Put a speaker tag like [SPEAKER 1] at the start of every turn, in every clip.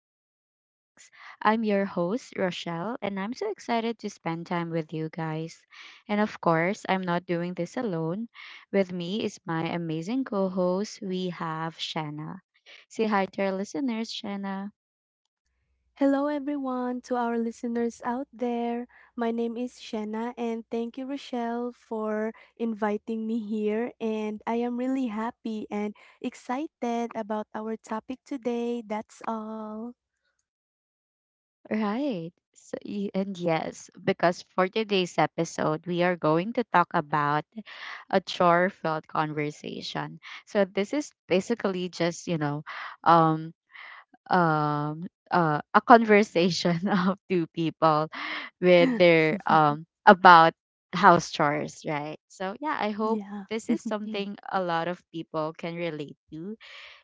[SPEAKER 1] to our talks. I'm your host, Rochelle, and I'm so excited to spend time with you guys. And of course, I'm not doing this alone. With me is my amazing co host, we have Shanna. Say hi to our listeners, Shanna.
[SPEAKER 2] Hello, everyone, to our listeners out there. My name is Shanna, and thank you, Rochelle, for inviting me here. And I am really happy and excited about our topic today. That's all.
[SPEAKER 1] Right. So, y- and yes, because for today's episode, we are going to talk about a chore filled conversation. So, this is basically just, um, a conversation of two people with their about house chores, right? So yeah, I hope
[SPEAKER 2] Yeah.
[SPEAKER 1] this is
[SPEAKER 2] Mm.
[SPEAKER 1] something a lot of people can relate to,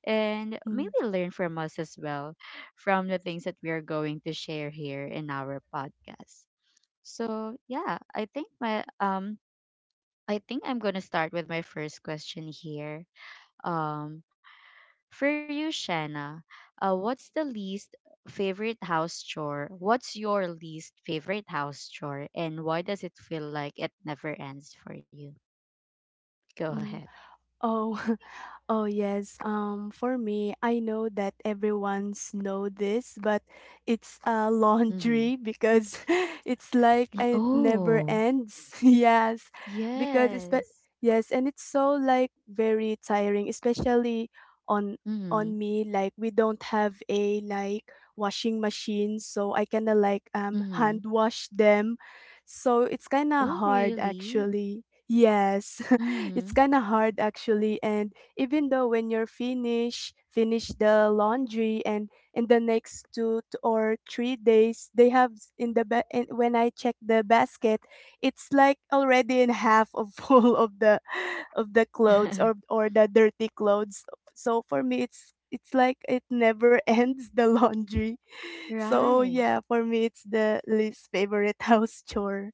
[SPEAKER 1] and
[SPEAKER 2] Mm,
[SPEAKER 1] maybe learn from us as well from the things that we are going to share here in our podcast. So yeah, I think I'm going to start with my first question here. um for you, Shanna, what's the least favorite house chore? What's your least favorite house chore, and why does it feel like it never ends for you? Go
[SPEAKER 2] mm.
[SPEAKER 1] ahead.
[SPEAKER 2] Oh, Oh, yes. For me, I know that everyone's know this, but it's
[SPEAKER 1] Mm-hmm.
[SPEAKER 2] laundry because it's like it never
[SPEAKER 1] Oh,
[SPEAKER 2] ends. Yes. Because it's but
[SPEAKER 1] yes.
[SPEAKER 2] yes, and it's so like very tiring, especially on
[SPEAKER 1] Mm-hmm.
[SPEAKER 2] on me, like we don't have a like washing machine, so I kind of like
[SPEAKER 1] Mm-hmm.
[SPEAKER 2] hand wash them. So it's kind
[SPEAKER 1] Oh,
[SPEAKER 2] of hard,
[SPEAKER 1] really?
[SPEAKER 2] actually. Yes.
[SPEAKER 1] Mm-hmm.
[SPEAKER 2] It's kind of hard, actually, and even though when you're finish the laundry, and in the next 2 or 3 days they have in, when I check the basket, it's like already in half of full of the clothes, or the dirty clothes. So for me it's like it never ends, the laundry. So
[SPEAKER 1] Right.
[SPEAKER 2] yeah, for me it's the least favorite house chore.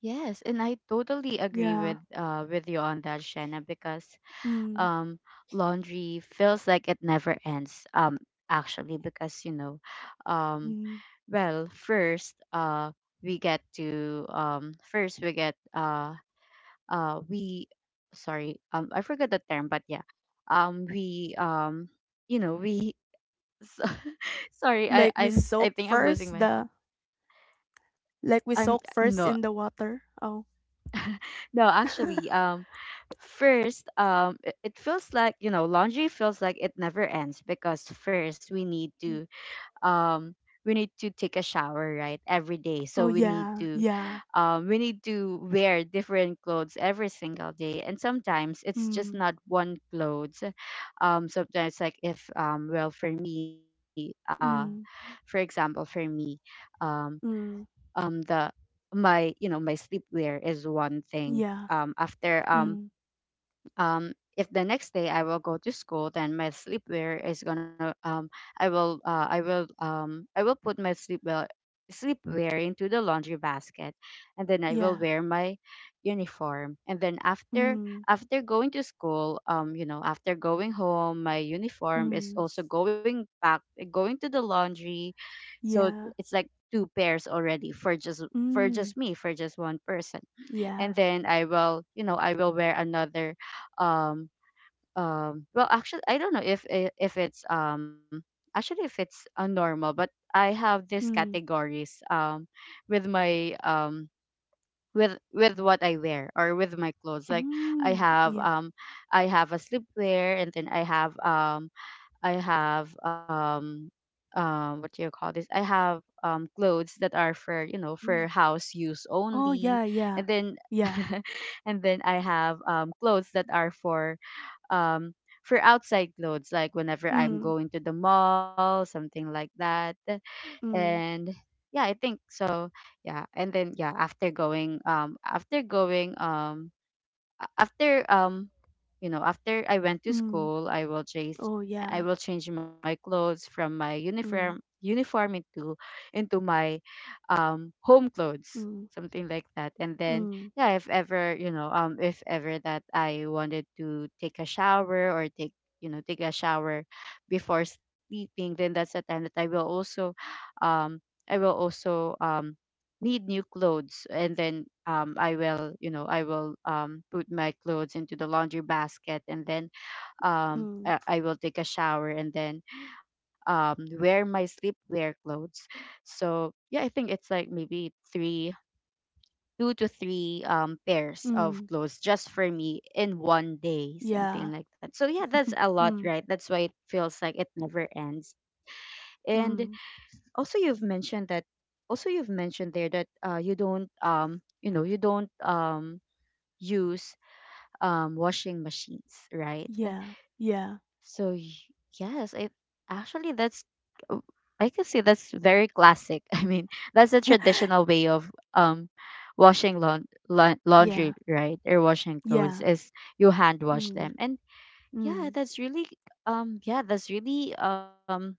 [SPEAKER 1] Yes, and I totally agree
[SPEAKER 2] Yeah.
[SPEAKER 1] with you on that, Shanna, because
[SPEAKER 2] Mm,
[SPEAKER 1] um, laundry feels like it never ends. Actually, because um,
[SPEAKER 2] mm.
[SPEAKER 1] well, first, we get to first we get we, sorry, I forgot the term, but yeah, we we, so, sorry, I
[SPEAKER 2] like we
[SPEAKER 1] I'm I
[SPEAKER 2] soak
[SPEAKER 1] think I'm losing
[SPEAKER 2] first
[SPEAKER 1] my.
[SPEAKER 2] the Like we
[SPEAKER 1] I'm
[SPEAKER 2] soak first
[SPEAKER 1] no,
[SPEAKER 2] in the water. Oh.
[SPEAKER 1] No, actually, first, it feels like laundry feels like it never ends, because first
[SPEAKER 2] Mm.
[SPEAKER 1] um, we need to take a shower, right, every day.
[SPEAKER 2] Oh
[SPEAKER 1] So we need
[SPEAKER 2] yeah,
[SPEAKER 1] to,
[SPEAKER 2] yeah.
[SPEAKER 1] um, we need to wear different clothes every single day. And sometimes it's just
[SPEAKER 2] Mm,
[SPEAKER 1] not one clothes. Sometimes, like if well for me, for
[SPEAKER 2] mm,
[SPEAKER 1] example, for me. Um,
[SPEAKER 2] mm,
[SPEAKER 1] the my you know My sleepwear is one thing.
[SPEAKER 2] yeah,
[SPEAKER 1] After
[SPEAKER 2] mm,
[SPEAKER 1] um if the next day I will go to school, then my sleepwear is gonna I will put my sleepwear into the laundry basket. And then I will
[SPEAKER 2] yeah,
[SPEAKER 1] wear my uniform, and then
[SPEAKER 2] mm,
[SPEAKER 1] after going to school, after going home, my uniform is
[SPEAKER 2] mm,
[SPEAKER 1] also going to the laundry. So
[SPEAKER 2] yeah,
[SPEAKER 1] it's like two pairs already, for just
[SPEAKER 2] mm,
[SPEAKER 1] me, for just one person. And
[SPEAKER 2] yeah,
[SPEAKER 1] then I will wear another. um well, actually, I don't know if if it's, actually, if it's a normal, but I have these
[SPEAKER 2] mm,
[SPEAKER 1] categories. With my with what I wear, or with my clothes, like, i
[SPEAKER 2] mm,
[SPEAKER 1] have
[SPEAKER 2] yeah,
[SPEAKER 1] um I have a sleepwear, and then I have I have what do you call this? I have clothes that are for for
[SPEAKER 2] mm.
[SPEAKER 1] house use
[SPEAKER 2] Oh
[SPEAKER 1] only,
[SPEAKER 2] yeah,
[SPEAKER 1] and
[SPEAKER 2] yeah,
[SPEAKER 1] then
[SPEAKER 2] yeah,
[SPEAKER 1] and then I have clothes that are um for outside clothes, like whenever I'm
[SPEAKER 2] mm,
[SPEAKER 1] going to the mall, something like that.
[SPEAKER 2] mm,
[SPEAKER 1] And yeah, I think so. Yeah, and then yeah, after going a- after after I went to
[SPEAKER 2] mm.
[SPEAKER 1] school, I will change.
[SPEAKER 2] Oh
[SPEAKER 1] I
[SPEAKER 2] yeah,
[SPEAKER 1] will change my clothes from my
[SPEAKER 2] mm,
[SPEAKER 1] uniform into my home clothes,
[SPEAKER 2] mm,
[SPEAKER 1] something like that. And then
[SPEAKER 2] mm,
[SPEAKER 1] yeah, if ever that I wanted to take a shower, or take take a shower before sleeping, then that's the time that um I will also need new clothes. And then I will put my clothes into the laundry basket, and then
[SPEAKER 2] mm,
[SPEAKER 1] I will take a shower, and then wear my sleepwear clothes. So yeah, I think it's like maybe three two to three pairs of
[SPEAKER 2] mm,
[SPEAKER 1] clothes just for me in one day,
[SPEAKER 2] yeah,
[SPEAKER 1] something like that. So yeah, that's a lot,
[SPEAKER 2] mm,
[SPEAKER 1] right? That's why it feels like it never ends. And
[SPEAKER 2] mm,
[SPEAKER 1] also you've mentioned that also you've mentioned there that you don't, you don't use washing machines, right?
[SPEAKER 2] yeah, yeah,
[SPEAKER 1] So yes, it actually, that's, uh, I can say that's very classic. I mean, that's a traditional way of washing laundry,
[SPEAKER 2] yeah,
[SPEAKER 1] right? Or washing clothes
[SPEAKER 2] yeah,
[SPEAKER 1] is, you hand wash
[SPEAKER 2] mm,
[SPEAKER 1] them. And
[SPEAKER 2] mm.
[SPEAKER 1] yeah, that's really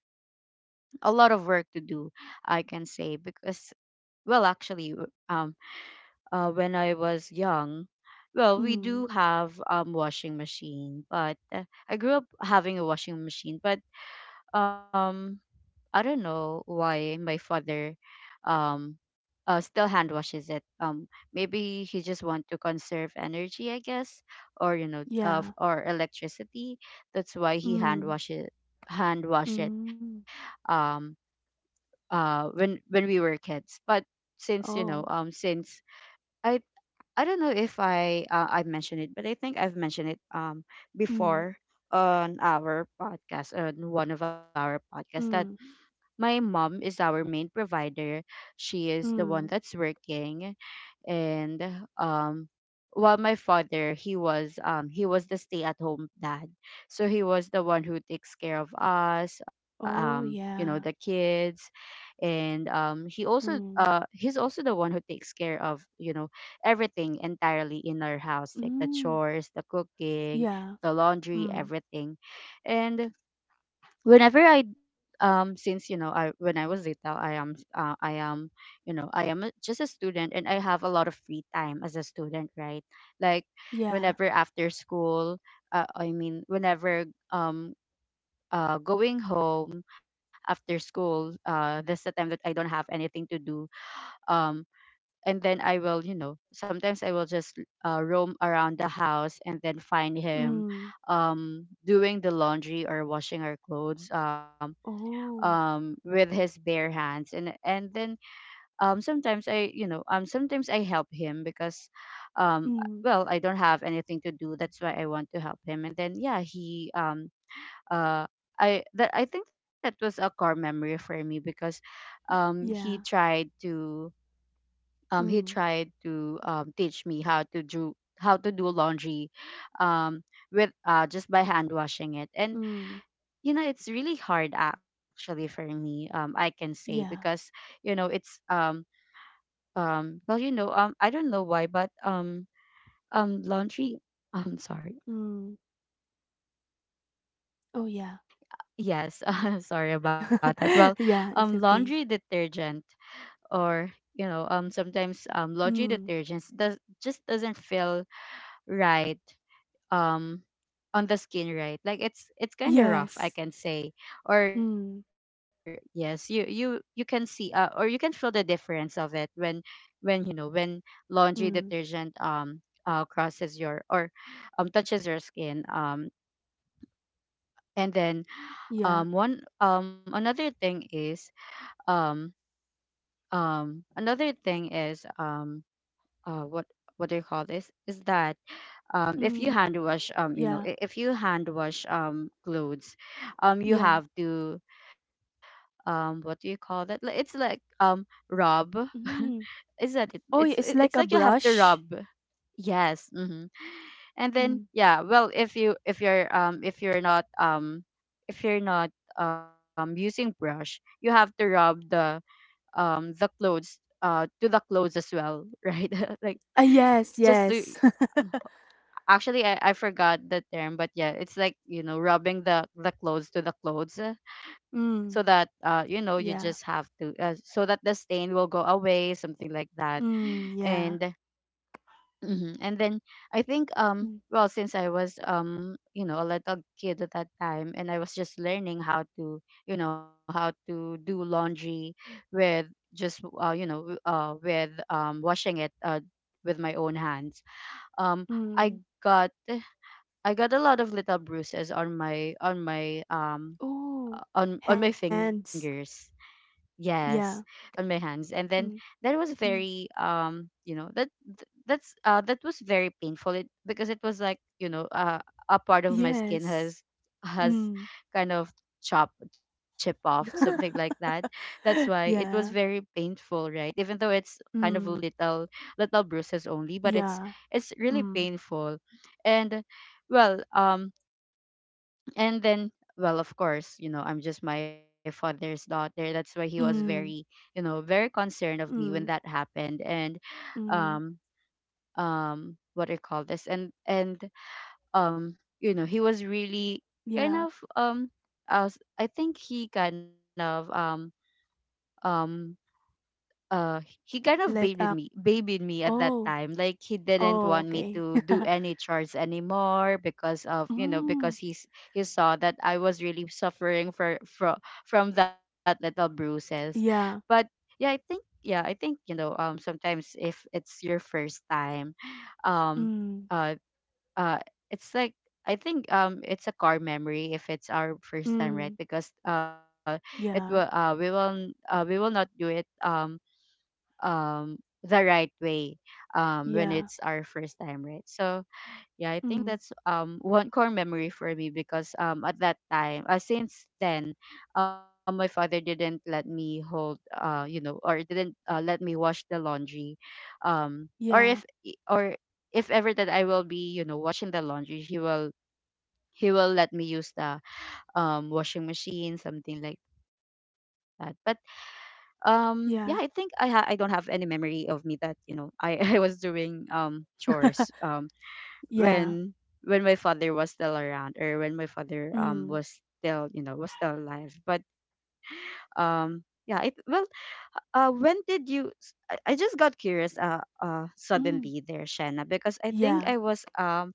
[SPEAKER 1] a lot of work to do, I can say, because, well, actually, when I was young. Well, we
[SPEAKER 2] Mm,
[SPEAKER 1] do have washing machine, but I grew up having a washing machine. But um, I don't know why my father, um, still hand washes it. Maybe he just want to conserve energy, I guess, or of
[SPEAKER 2] yeah.
[SPEAKER 1] or electricity. That's why he
[SPEAKER 2] Mm,
[SPEAKER 1] hand wash it.
[SPEAKER 2] mm.
[SPEAKER 1] Um, when we were kids, but since
[SPEAKER 2] Oh.
[SPEAKER 1] since I I don't know if I mentioned it, but I think I've mentioned it
[SPEAKER 2] Mm,
[SPEAKER 1] before on our podcast, on one of our podcasts, that
[SPEAKER 2] mm,
[SPEAKER 1] my mom is our main provider. She is the one
[SPEAKER 2] mm.
[SPEAKER 1] that's working, and um while my father, he was the stay at home dad. So he was the one who takes care of us,
[SPEAKER 2] Oh,
[SPEAKER 1] the
[SPEAKER 2] yeah.
[SPEAKER 1] kids, and
[SPEAKER 2] Mm,
[SPEAKER 1] he's also the one who takes care of, everything entirely in our house, like the
[SPEAKER 2] mm.
[SPEAKER 1] chores, the cooking,
[SPEAKER 2] Yeah.
[SPEAKER 1] the laundry,
[SPEAKER 2] Mm,
[SPEAKER 1] everything. And when I was little, I am just a student, and I have a lot of free time as a student, right? Like,
[SPEAKER 2] yeah.
[SPEAKER 1] whenever after school, I mean, whenever um going home after school. That's the time that I don't have anything to do. Um, and then, I will, you know, sometimes I will just roam around the house, and then find him
[SPEAKER 2] Mm.
[SPEAKER 1] doing the laundry or washing our clothes,
[SPEAKER 2] Oh.
[SPEAKER 1] with his bare hands. And then sometimes I help him, because, um,
[SPEAKER 2] Mm,
[SPEAKER 1] well, I don't have anything to do. That's why I want to help him. And then yeah, he uh I think that was a core memory for me, because um he
[SPEAKER 2] yeah.
[SPEAKER 1] tried to he
[SPEAKER 2] Mm,
[SPEAKER 1] tried to teach me how to do laundry, um with just by hand washing it. And
[SPEAKER 2] mm.
[SPEAKER 1] you know, it's really hard, actually, for me, I can say,
[SPEAKER 2] Yeah.
[SPEAKER 1] because you know it's well, I don't know why, but laundry. I'm sorry.
[SPEAKER 2] Mm. Oh, yeah.
[SPEAKER 1] Yes. Sorry about that. Well,
[SPEAKER 2] Yeah, it's okay.
[SPEAKER 1] laundry detergent, or sometimes laundry
[SPEAKER 2] Mm.
[SPEAKER 1] detergents does just doesn't feel right um on the skin, right? Like, it's kind of rough, I
[SPEAKER 2] Yes.
[SPEAKER 1] can say. Or
[SPEAKER 2] Mm,
[SPEAKER 1] yes, you can see, or you can feel the difference of it, when when laundry detergent
[SPEAKER 2] mm.
[SPEAKER 1] crosses your or touches your skin. And then,
[SPEAKER 2] Yeah.
[SPEAKER 1] one another thing is, um um another thing is um uh what what do you call this, is that, if you
[SPEAKER 2] Mm,
[SPEAKER 1] hand wash,
[SPEAKER 2] yeah.
[SPEAKER 1] if you hand wash clothes, you
[SPEAKER 2] Yeah.
[SPEAKER 1] have to, what do you call that? It's like, rub.
[SPEAKER 2] Mm.
[SPEAKER 1] Is that it?
[SPEAKER 2] Oh,
[SPEAKER 1] It's
[SPEAKER 2] it's
[SPEAKER 1] like
[SPEAKER 2] like
[SPEAKER 1] you
[SPEAKER 2] a
[SPEAKER 1] have to rub.
[SPEAKER 2] brush.
[SPEAKER 1] Yes. Mm-hmm. And then,
[SPEAKER 2] Mm.
[SPEAKER 1] yeah, well, if you if you're not if you're not using brush you have to rub the clothes to the clothes as well, right, like,
[SPEAKER 2] Ah, yes,
[SPEAKER 1] just to —
[SPEAKER 2] yes.
[SPEAKER 1] actually, I forgot the term, but yeah, it's like, you know, rubbing the clothes to the clothes, so that,
[SPEAKER 2] Mm,
[SPEAKER 1] you know, you just have
[SPEAKER 2] yeah.
[SPEAKER 1] to, so that the stain will go away, something like that.
[SPEAKER 2] Mm, yeah.
[SPEAKER 1] And And then I think,
[SPEAKER 2] Mm,
[SPEAKER 1] well, since I was, you know, a little kid at that time, and I was just learning how to, you know, how to do laundry with just, you know, with washing it, with my own hands. um I
[SPEAKER 2] mm.
[SPEAKER 1] got I got a lot of little bruises on my
[SPEAKER 2] Oh,
[SPEAKER 1] on my
[SPEAKER 2] hands.
[SPEAKER 1] fingers. Yes,
[SPEAKER 2] Yeah.
[SPEAKER 1] on my hands. And then
[SPEAKER 2] Mm,
[SPEAKER 1] that was
[SPEAKER 2] mm.
[SPEAKER 1] very, you know, that th- that's that was very painful, because it was like, you know, a part of my skin
[SPEAKER 2] Yes.
[SPEAKER 1] has
[SPEAKER 2] Mm.
[SPEAKER 1] kind of chop chip off, something like that. That's why it was very
[SPEAKER 2] Yeah.
[SPEAKER 1] painful, right? Even though it's kind of
[SPEAKER 2] Mm,
[SPEAKER 1] little bruises only, but it's
[SPEAKER 2] yeah.
[SPEAKER 1] it's really
[SPEAKER 2] Mm,
[SPEAKER 1] painful. And, well, and then, well, of course, you know, I'm just my father's daughter, that's why he was very,
[SPEAKER 2] mm,
[SPEAKER 1] you know, very concerned of me when that
[SPEAKER 2] mm,
[SPEAKER 1] happened. And,
[SPEAKER 2] mm.
[SPEAKER 1] um what do you call this, and you know, he was really kind
[SPEAKER 2] Yeah.
[SPEAKER 1] of, uh, I think he kind of, um uh he kind of
[SPEAKER 2] Like a
[SPEAKER 1] babied me at that
[SPEAKER 2] oh,
[SPEAKER 1] time, like, he didn't
[SPEAKER 2] oh,
[SPEAKER 1] want me
[SPEAKER 2] okay.
[SPEAKER 1] to do any chores anymore because of, you know,
[SPEAKER 2] Mm,
[SPEAKER 1] because he saw that I was really suffering for from that little bruises. But
[SPEAKER 2] yeah.
[SPEAKER 1] yeah, I think yeah, I think, you know, sometimes if it's your first time, um
[SPEAKER 2] Mm,
[SPEAKER 1] uh uh it's like, I think, it's a core memory if it's our first time, right?
[SPEAKER 2] mm.
[SPEAKER 1] Because, it will,
[SPEAKER 2] Yeah.
[SPEAKER 1] we will, we will not do it, um the right way, when
[SPEAKER 2] Yeah.
[SPEAKER 1] it's our first time, right? So yeah, I think
[SPEAKER 2] Mm,
[SPEAKER 1] that's, one core memory for me, because, at that time, since then, my father didn't let me hold, you know, or didn't, let me wash the laundry, or
[SPEAKER 2] yeah.
[SPEAKER 1] if ever that I will be, you know, washing the laundry, he will let me use the, washing machine, something like that. But, yeah, I think,
[SPEAKER 2] Yeah.
[SPEAKER 1] I don't have any memory of me that, you know, I I was doing, chores,
[SPEAKER 2] Yeah.
[SPEAKER 1] when my father was still around, or when my father,
[SPEAKER 2] Mm,
[SPEAKER 1] was still, alive. But, yeah, it well when did you I just got curious,
[SPEAKER 2] mm.
[SPEAKER 1] suddenly there, Shanna, because I think
[SPEAKER 2] Yeah.
[SPEAKER 1] I was.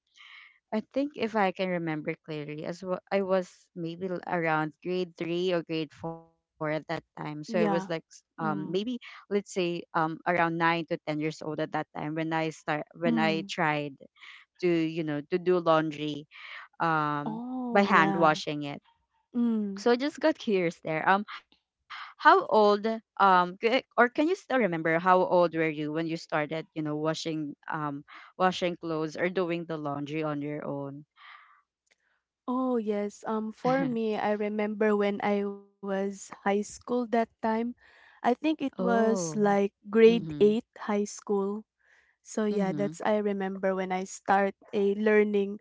[SPEAKER 1] I think if I can remember clearly, as well, I was maybe around grade three or grade four at that time. So I was like,
[SPEAKER 2] Yeah.
[SPEAKER 1] maybe
[SPEAKER 2] Mm.
[SPEAKER 1] let's say, around 9 to 10 years old at that time when I start when I
[SPEAKER 2] Mm.
[SPEAKER 1] tried to, you know, to do laundry, um by
[SPEAKER 2] Oh,
[SPEAKER 1] hand
[SPEAKER 2] yeah.
[SPEAKER 1] washing it.
[SPEAKER 2] Mm.
[SPEAKER 1] So I just got curious there. How old, or can you still remember how old were you when you started, you know, washing, clothes or doing the laundry on your own?
[SPEAKER 2] Oh, yes. For me, I remember when I was high school that time. I think it was like
[SPEAKER 1] Oh.
[SPEAKER 2] grade 8
[SPEAKER 1] Mhm.
[SPEAKER 2] high school. So yeah, that's I
[SPEAKER 1] Mhm.
[SPEAKER 2] remember when I start a learning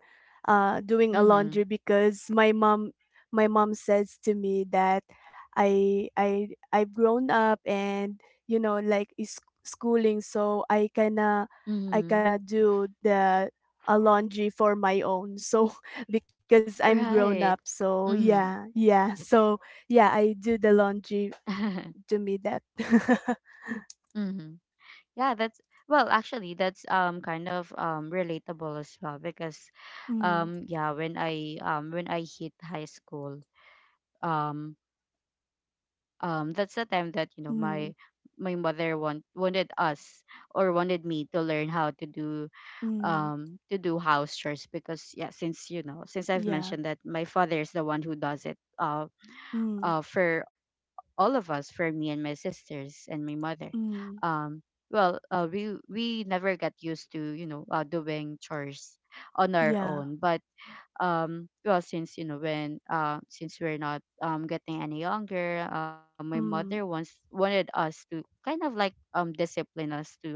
[SPEAKER 2] doing a laundry,
[SPEAKER 1] Mhm.
[SPEAKER 2] because my mom says to me that I've grown up and you know like is schooling, so I kinda
[SPEAKER 1] Mhm.
[SPEAKER 2] do the a laundry for my own. So because I'm grown up,
[SPEAKER 1] Right.
[SPEAKER 2] so yeah,
[SPEAKER 1] Mhm.
[SPEAKER 2] yeah, so yeah, I do the laundry
[SPEAKER 1] Mhm.
[SPEAKER 2] to me that.
[SPEAKER 1] Yeah, that's well, actually, that's, kind of, relatable as well, because,
[SPEAKER 2] Mm,
[SPEAKER 1] yeah, when I hit high school, um that's the time that, you know,
[SPEAKER 2] mm,
[SPEAKER 1] my mother wanted us, or wanted me, to learn how to do,
[SPEAKER 2] mm,
[SPEAKER 1] to do house chores, because yeah, since, you know, since I've
[SPEAKER 2] yeah.
[SPEAKER 1] mentioned that my father is the one who does it,
[SPEAKER 2] Mm.
[SPEAKER 1] for all of us, for me and my sisters and my mother.
[SPEAKER 2] Mm,
[SPEAKER 1] um well, we never get used to, you know, doing chores on our
[SPEAKER 2] yeah,
[SPEAKER 1] own. But, well, since, you know, when since we're not, getting any younger, my mother once
[SPEAKER 2] mm,
[SPEAKER 1] wanted us to kind of like, discipline us to,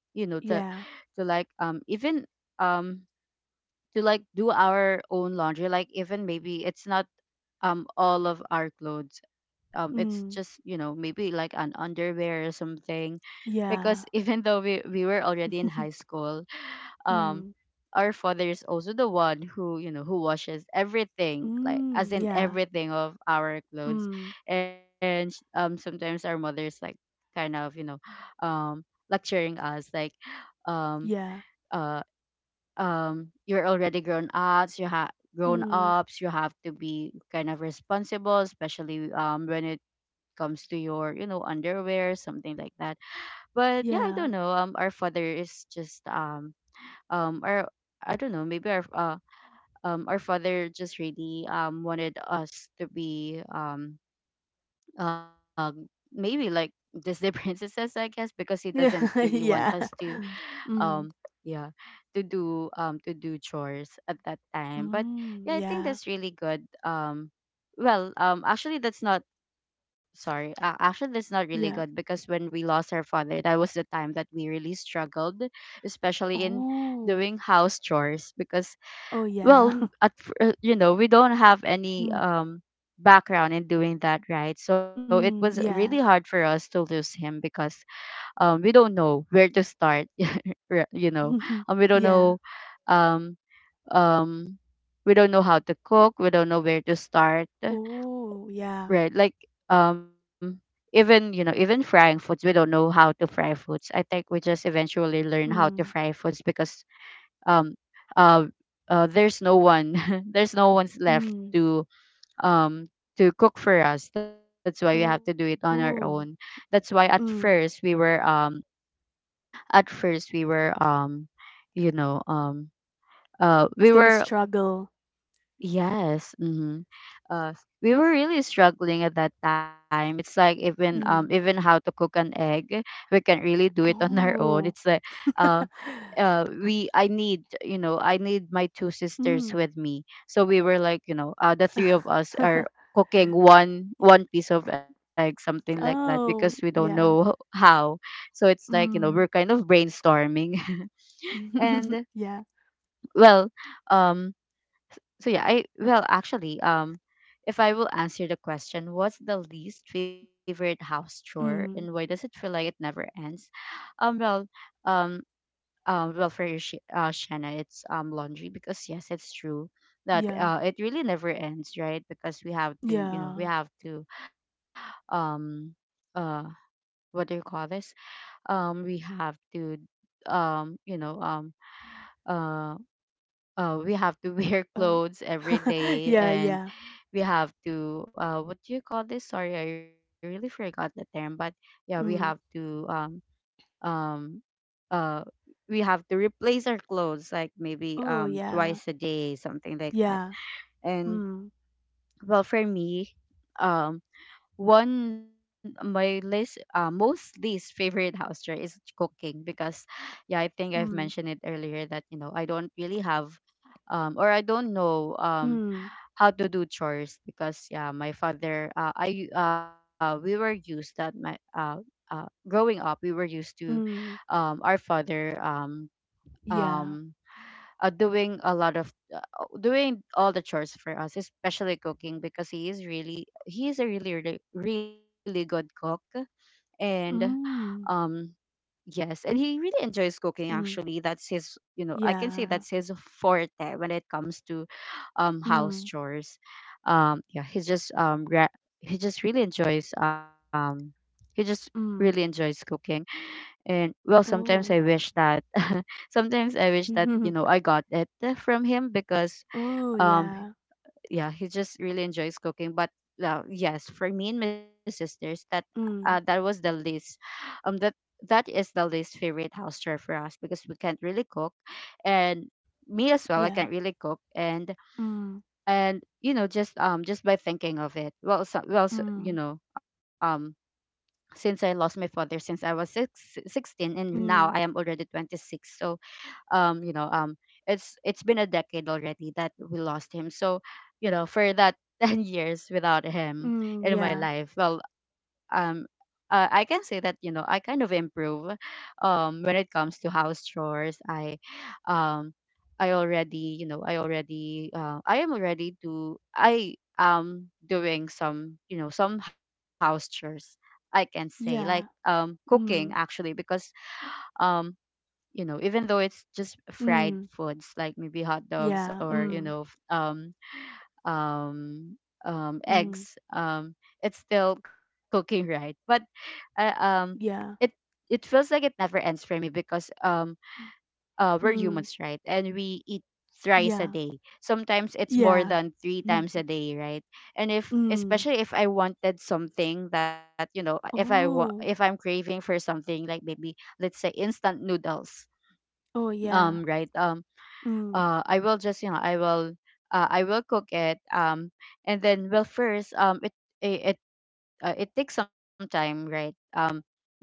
[SPEAKER 1] you know,
[SPEAKER 2] yeah,
[SPEAKER 1] to like, even um to like do our own laundry, like, even maybe it's not, all of our clothes, it's just, you
[SPEAKER 2] mm,
[SPEAKER 1] know, maybe like an underwear or something, because
[SPEAKER 2] yeah.
[SPEAKER 1] even though we were already in high school, um
[SPEAKER 2] Mm,
[SPEAKER 1] our father is also the one who, you know, who washes everything, like as
[SPEAKER 2] mm,
[SPEAKER 1] in
[SPEAKER 2] yeah,
[SPEAKER 1] everything of our clothes.
[SPEAKER 2] mm,
[SPEAKER 1] And, sometimes our mother is like, kind of, you know, um lecturing us, like, um
[SPEAKER 2] yeah,
[SPEAKER 1] uh you're already grown ups,
[SPEAKER 2] mm,
[SPEAKER 1] you have to be kind of responsible, especially, when it comes to your, you know, underwear, something like that. But yeah, I don't know,
[SPEAKER 2] yeah.
[SPEAKER 1] our father is just, our I don't know, maybe our, our father just really, wanted us to be, uh maybe like Disney princesses, I guess, because he doesn't
[SPEAKER 2] Yeah,
[SPEAKER 1] really want us
[SPEAKER 2] yeah.
[SPEAKER 1] to, um
[SPEAKER 2] Mm,
[SPEAKER 1] yeah, to do, to do chores at that time. But
[SPEAKER 2] mm,
[SPEAKER 1] yeah, I think
[SPEAKER 2] yeah,
[SPEAKER 1] that's really good, well, actually that's not — sorry, actually that's not really good,
[SPEAKER 2] yeah.
[SPEAKER 1] because when we lost our father, that was the time that we really struggled, especially in
[SPEAKER 2] Oh,
[SPEAKER 1] doing house chores, because,
[SPEAKER 2] oh,
[SPEAKER 1] well,
[SPEAKER 2] yeah.
[SPEAKER 1] you know, we don't have any,
[SPEAKER 2] Mm,
[SPEAKER 1] background in doing that, right? So it was
[SPEAKER 2] mm,
[SPEAKER 1] really hard
[SPEAKER 2] yeah.
[SPEAKER 1] for us to lose him, because, we don't know where to start, you know, um, we don't
[SPEAKER 2] Yeah.
[SPEAKER 1] know um um we don't know how to cook, we don't know where to start,
[SPEAKER 2] Oh, yeah.
[SPEAKER 1] right? Like, um even, you know, even frying foods, we don't know how to fry foods. I think we just eventually learn how to
[SPEAKER 2] Mm,
[SPEAKER 1] fry foods, because, um uh, there's no one, there's no one's left
[SPEAKER 2] mm,
[SPEAKER 1] to, um to cook for us, that's why we have to do it on
[SPEAKER 2] oh,
[SPEAKER 1] our own. That's why
[SPEAKER 2] mm.
[SPEAKER 1] at first we were, you know,
[SPEAKER 2] It's
[SPEAKER 1] we
[SPEAKER 2] gonna
[SPEAKER 1] were
[SPEAKER 2] struggle.
[SPEAKER 1] yes, uh we were really struggling at that time. It's like, even, even
[SPEAKER 2] Mm,
[SPEAKER 1] how to cook an egg, we can't really do it on our own. It's
[SPEAKER 2] oh.
[SPEAKER 1] like, uh we I need, you know, I need my two sisters
[SPEAKER 2] Mm.
[SPEAKER 1] with me, so we were like, you know, the three of us are cooking one piece of egg, something like that, because we
[SPEAKER 2] Oh,
[SPEAKER 1] don't know
[SPEAKER 2] yeah.
[SPEAKER 1] how. So it's like, you know, we're
[SPEAKER 2] Mm.
[SPEAKER 1] kind of brainstorming. And,
[SPEAKER 2] Yeah.
[SPEAKER 1] well, um so yeah, I well actually, if I will answer the question, what's the least favorite house chore and why does
[SPEAKER 2] Mm.
[SPEAKER 1] it feel like it never ends? Well, um well, for you, Shanna, it's, laundry, because yes, it's true that,
[SPEAKER 2] Yeah.
[SPEAKER 1] it really never ends, right? Because we have to, you know, we
[SPEAKER 2] Yeah.
[SPEAKER 1] have to um uh what do you call this, we have to, you know, uh, we have to wear
[SPEAKER 2] Uh.
[SPEAKER 1] clothes every day,
[SPEAKER 2] Yeah,
[SPEAKER 1] and
[SPEAKER 2] yeah.
[SPEAKER 1] we have to, what do you call this? Sorry, I really forgot the term, but yeah, we have
[SPEAKER 2] Mm.
[SPEAKER 1] to, um uh replace our clothes like maybe,
[SPEAKER 2] Oh, yeah.
[SPEAKER 1] twice a day, something like that.
[SPEAKER 2] Yeah.
[SPEAKER 1] And,
[SPEAKER 2] Mm.
[SPEAKER 1] well, for me, um one my least, most least favorite house chore is cooking, because yeah, I think I've mentioned
[SPEAKER 2] Mm.
[SPEAKER 1] it earlier that, you know, I don't really have, or I don't know,
[SPEAKER 2] Mm.
[SPEAKER 1] how to do chores, because yeah, my father, I we were used that my growing up we were used to,
[SPEAKER 2] Mm.
[SPEAKER 1] our father,
[SPEAKER 2] Yeah.
[SPEAKER 1] um, doing a lot of doing all the chores for us, especially cooking, because he is a really, really, really good cook. And,
[SPEAKER 2] Mm.
[SPEAKER 1] um yes, and he really enjoys cooking,
[SPEAKER 2] Mm.
[SPEAKER 1] actually. That's his, you know, I can
[SPEAKER 2] Yeah.
[SPEAKER 1] say that's his forte when it comes to,
[SPEAKER 2] Mm.
[SPEAKER 1] house chores. Yeah, he just really enjoys, he just really
[SPEAKER 2] Mm.
[SPEAKER 1] enjoys cooking. And, well,
[SPEAKER 2] Oh.
[SPEAKER 1] sometimes I wish that, you know, I got it, from him, because,
[SPEAKER 2] Oh,
[SPEAKER 1] um
[SPEAKER 2] yeah.
[SPEAKER 1] yeah, he just really enjoys cooking. But, yes, for me and my sisters, that
[SPEAKER 2] Mm.
[SPEAKER 1] was the least, um that that is the least favorite house chore for us, because we can't really cook. And me as well, I can't
[SPEAKER 2] Yeah.
[SPEAKER 1] really cook. And
[SPEAKER 2] Mm.
[SPEAKER 1] you know, just, just by thinking of it, well so, you
[SPEAKER 2] Mm.
[SPEAKER 1] know, since I lost my father, since I was 16, and now I
[SPEAKER 2] Mm.
[SPEAKER 1] am already 26. So, you know, it's been a decade already that we lost him. So, you know, for that 10 years without him
[SPEAKER 2] Mm.
[SPEAKER 1] in my
[SPEAKER 2] Yeah.
[SPEAKER 1] life, well, I can say that, you know, I kind of improve, when it comes to house chores. Um I already, you know, I am doing some, you know, some house chores. I can say, like,
[SPEAKER 2] Yeah.
[SPEAKER 1] cooking,
[SPEAKER 2] Mm.
[SPEAKER 1] actually, because, um you know, even though it's just fried
[SPEAKER 2] Mm.
[SPEAKER 1] foods, like maybe hot dogs,
[SPEAKER 2] Yeah.
[SPEAKER 1] or, you
[SPEAKER 2] Mm.
[SPEAKER 1] know, um
[SPEAKER 2] Ừm,
[SPEAKER 1] eggs, it's still cooking, right? But, uh, um it
[SPEAKER 2] yeah,
[SPEAKER 1] it feels like it never ends for me, because, we're humans,
[SPEAKER 2] ừm,
[SPEAKER 1] right? And we eat thrice a
[SPEAKER 2] yeah,
[SPEAKER 1] day. Sometimes it's more
[SPEAKER 2] yeah.
[SPEAKER 1] than three
[SPEAKER 2] Ừm,
[SPEAKER 1] times a day, right? And if,
[SPEAKER 2] ừm.
[SPEAKER 1] especially if I wanted something that, you know, if I'm
[SPEAKER 2] Oh,
[SPEAKER 1] craving for something, like maybe let's say instant noodles,
[SPEAKER 2] oh, yeah,
[SPEAKER 1] right,
[SPEAKER 2] ừm,
[SPEAKER 1] I will just, you know, I will cook it, and then, well first, it, it takes some time, right,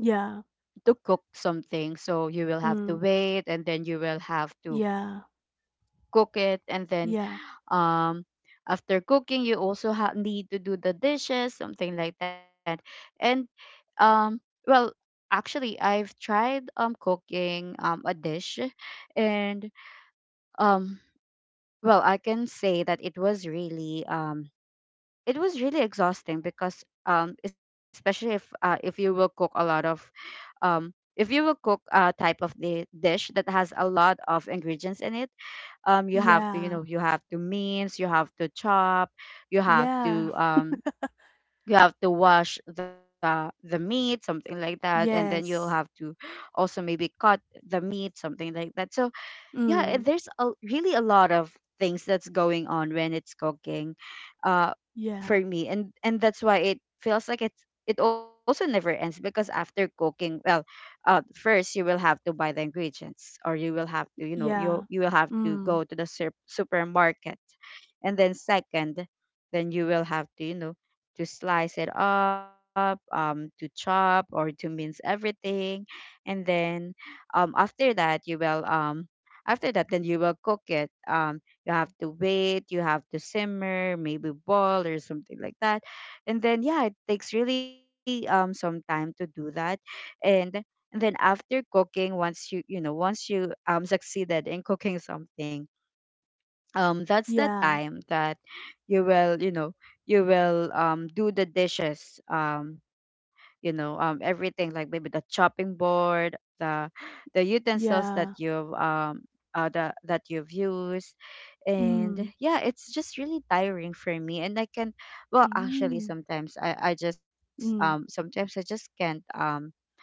[SPEAKER 2] yeah,
[SPEAKER 1] to cook something, so you will have to
[SPEAKER 2] ừm,
[SPEAKER 1] wait and then you will have to
[SPEAKER 2] yeah,
[SPEAKER 1] cook it, and then,
[SPEAKER 2] yeah,
[SPEAKER 1] um after cooking you also need to do the dishes, something like that. And, um well, actually I've Tried cooking a dish and um well, I can say that it was really exhausting because especially if you will cook a lot of um if you will cook a type of the dish that has a lot of ingredients in it, you have to
[SPEAKER 2] yeah,
[SPEAKER 1] you have to mince, you have to chop, you have to
[SPEAKER 2] yeah,
[SPEAKER 1] um you have to wash the meat something like that, and then you'll have
[SPEAKER 2] yes,
[SPEAKER 1] to also maybe cut the meat something like that. So yeah,
[SPEAKER 2] ừm,
[SPEAKER 1] there's a really a lot of things that's going on when it's cooking uh for
[SPEAKER 2] yeah,
[SPEAKER 1] me, and that's why it feels like it's it also never ends. Because after cooking, well, uh, first you will have to buy the ingredients, or you will have to, you know, you
[SPEAKER 2] yeah,
[SPEAKER 1] you will have to go
[SPEAKER 2] ừm,
[SPEAKER 1] to the supermarket, and then second, then you will have to, you know, to slice it up, to chop or to mince everything. And then after that you will after that, then you will cook it. You have to wait, you have to simmer, maybe boil or something like that. And then, yeah, it takes really some time to do that. And, and then after cooking, once you, you know once you succeeded in cooking something, that's the
[SPEAKER 2] yeah,
[SPEAKER 1] time that you will, you will do the dishes, you know, everything like maybe the chopping board, the the utensils that
[SPEAKER 2] yeah,
[SPEAKER 1] you've the, that you've used. And
[SPEAKER 2] ừm,
[SPEAKER 1] yeah, it's just really tiring for me, and I can, well, actually,
[SPEAKER 2] ừm,
[SPEAKER 1] sometimes I just
[SPEAKER 2] ừm,
[SPEAKER 1] sometimes I just can't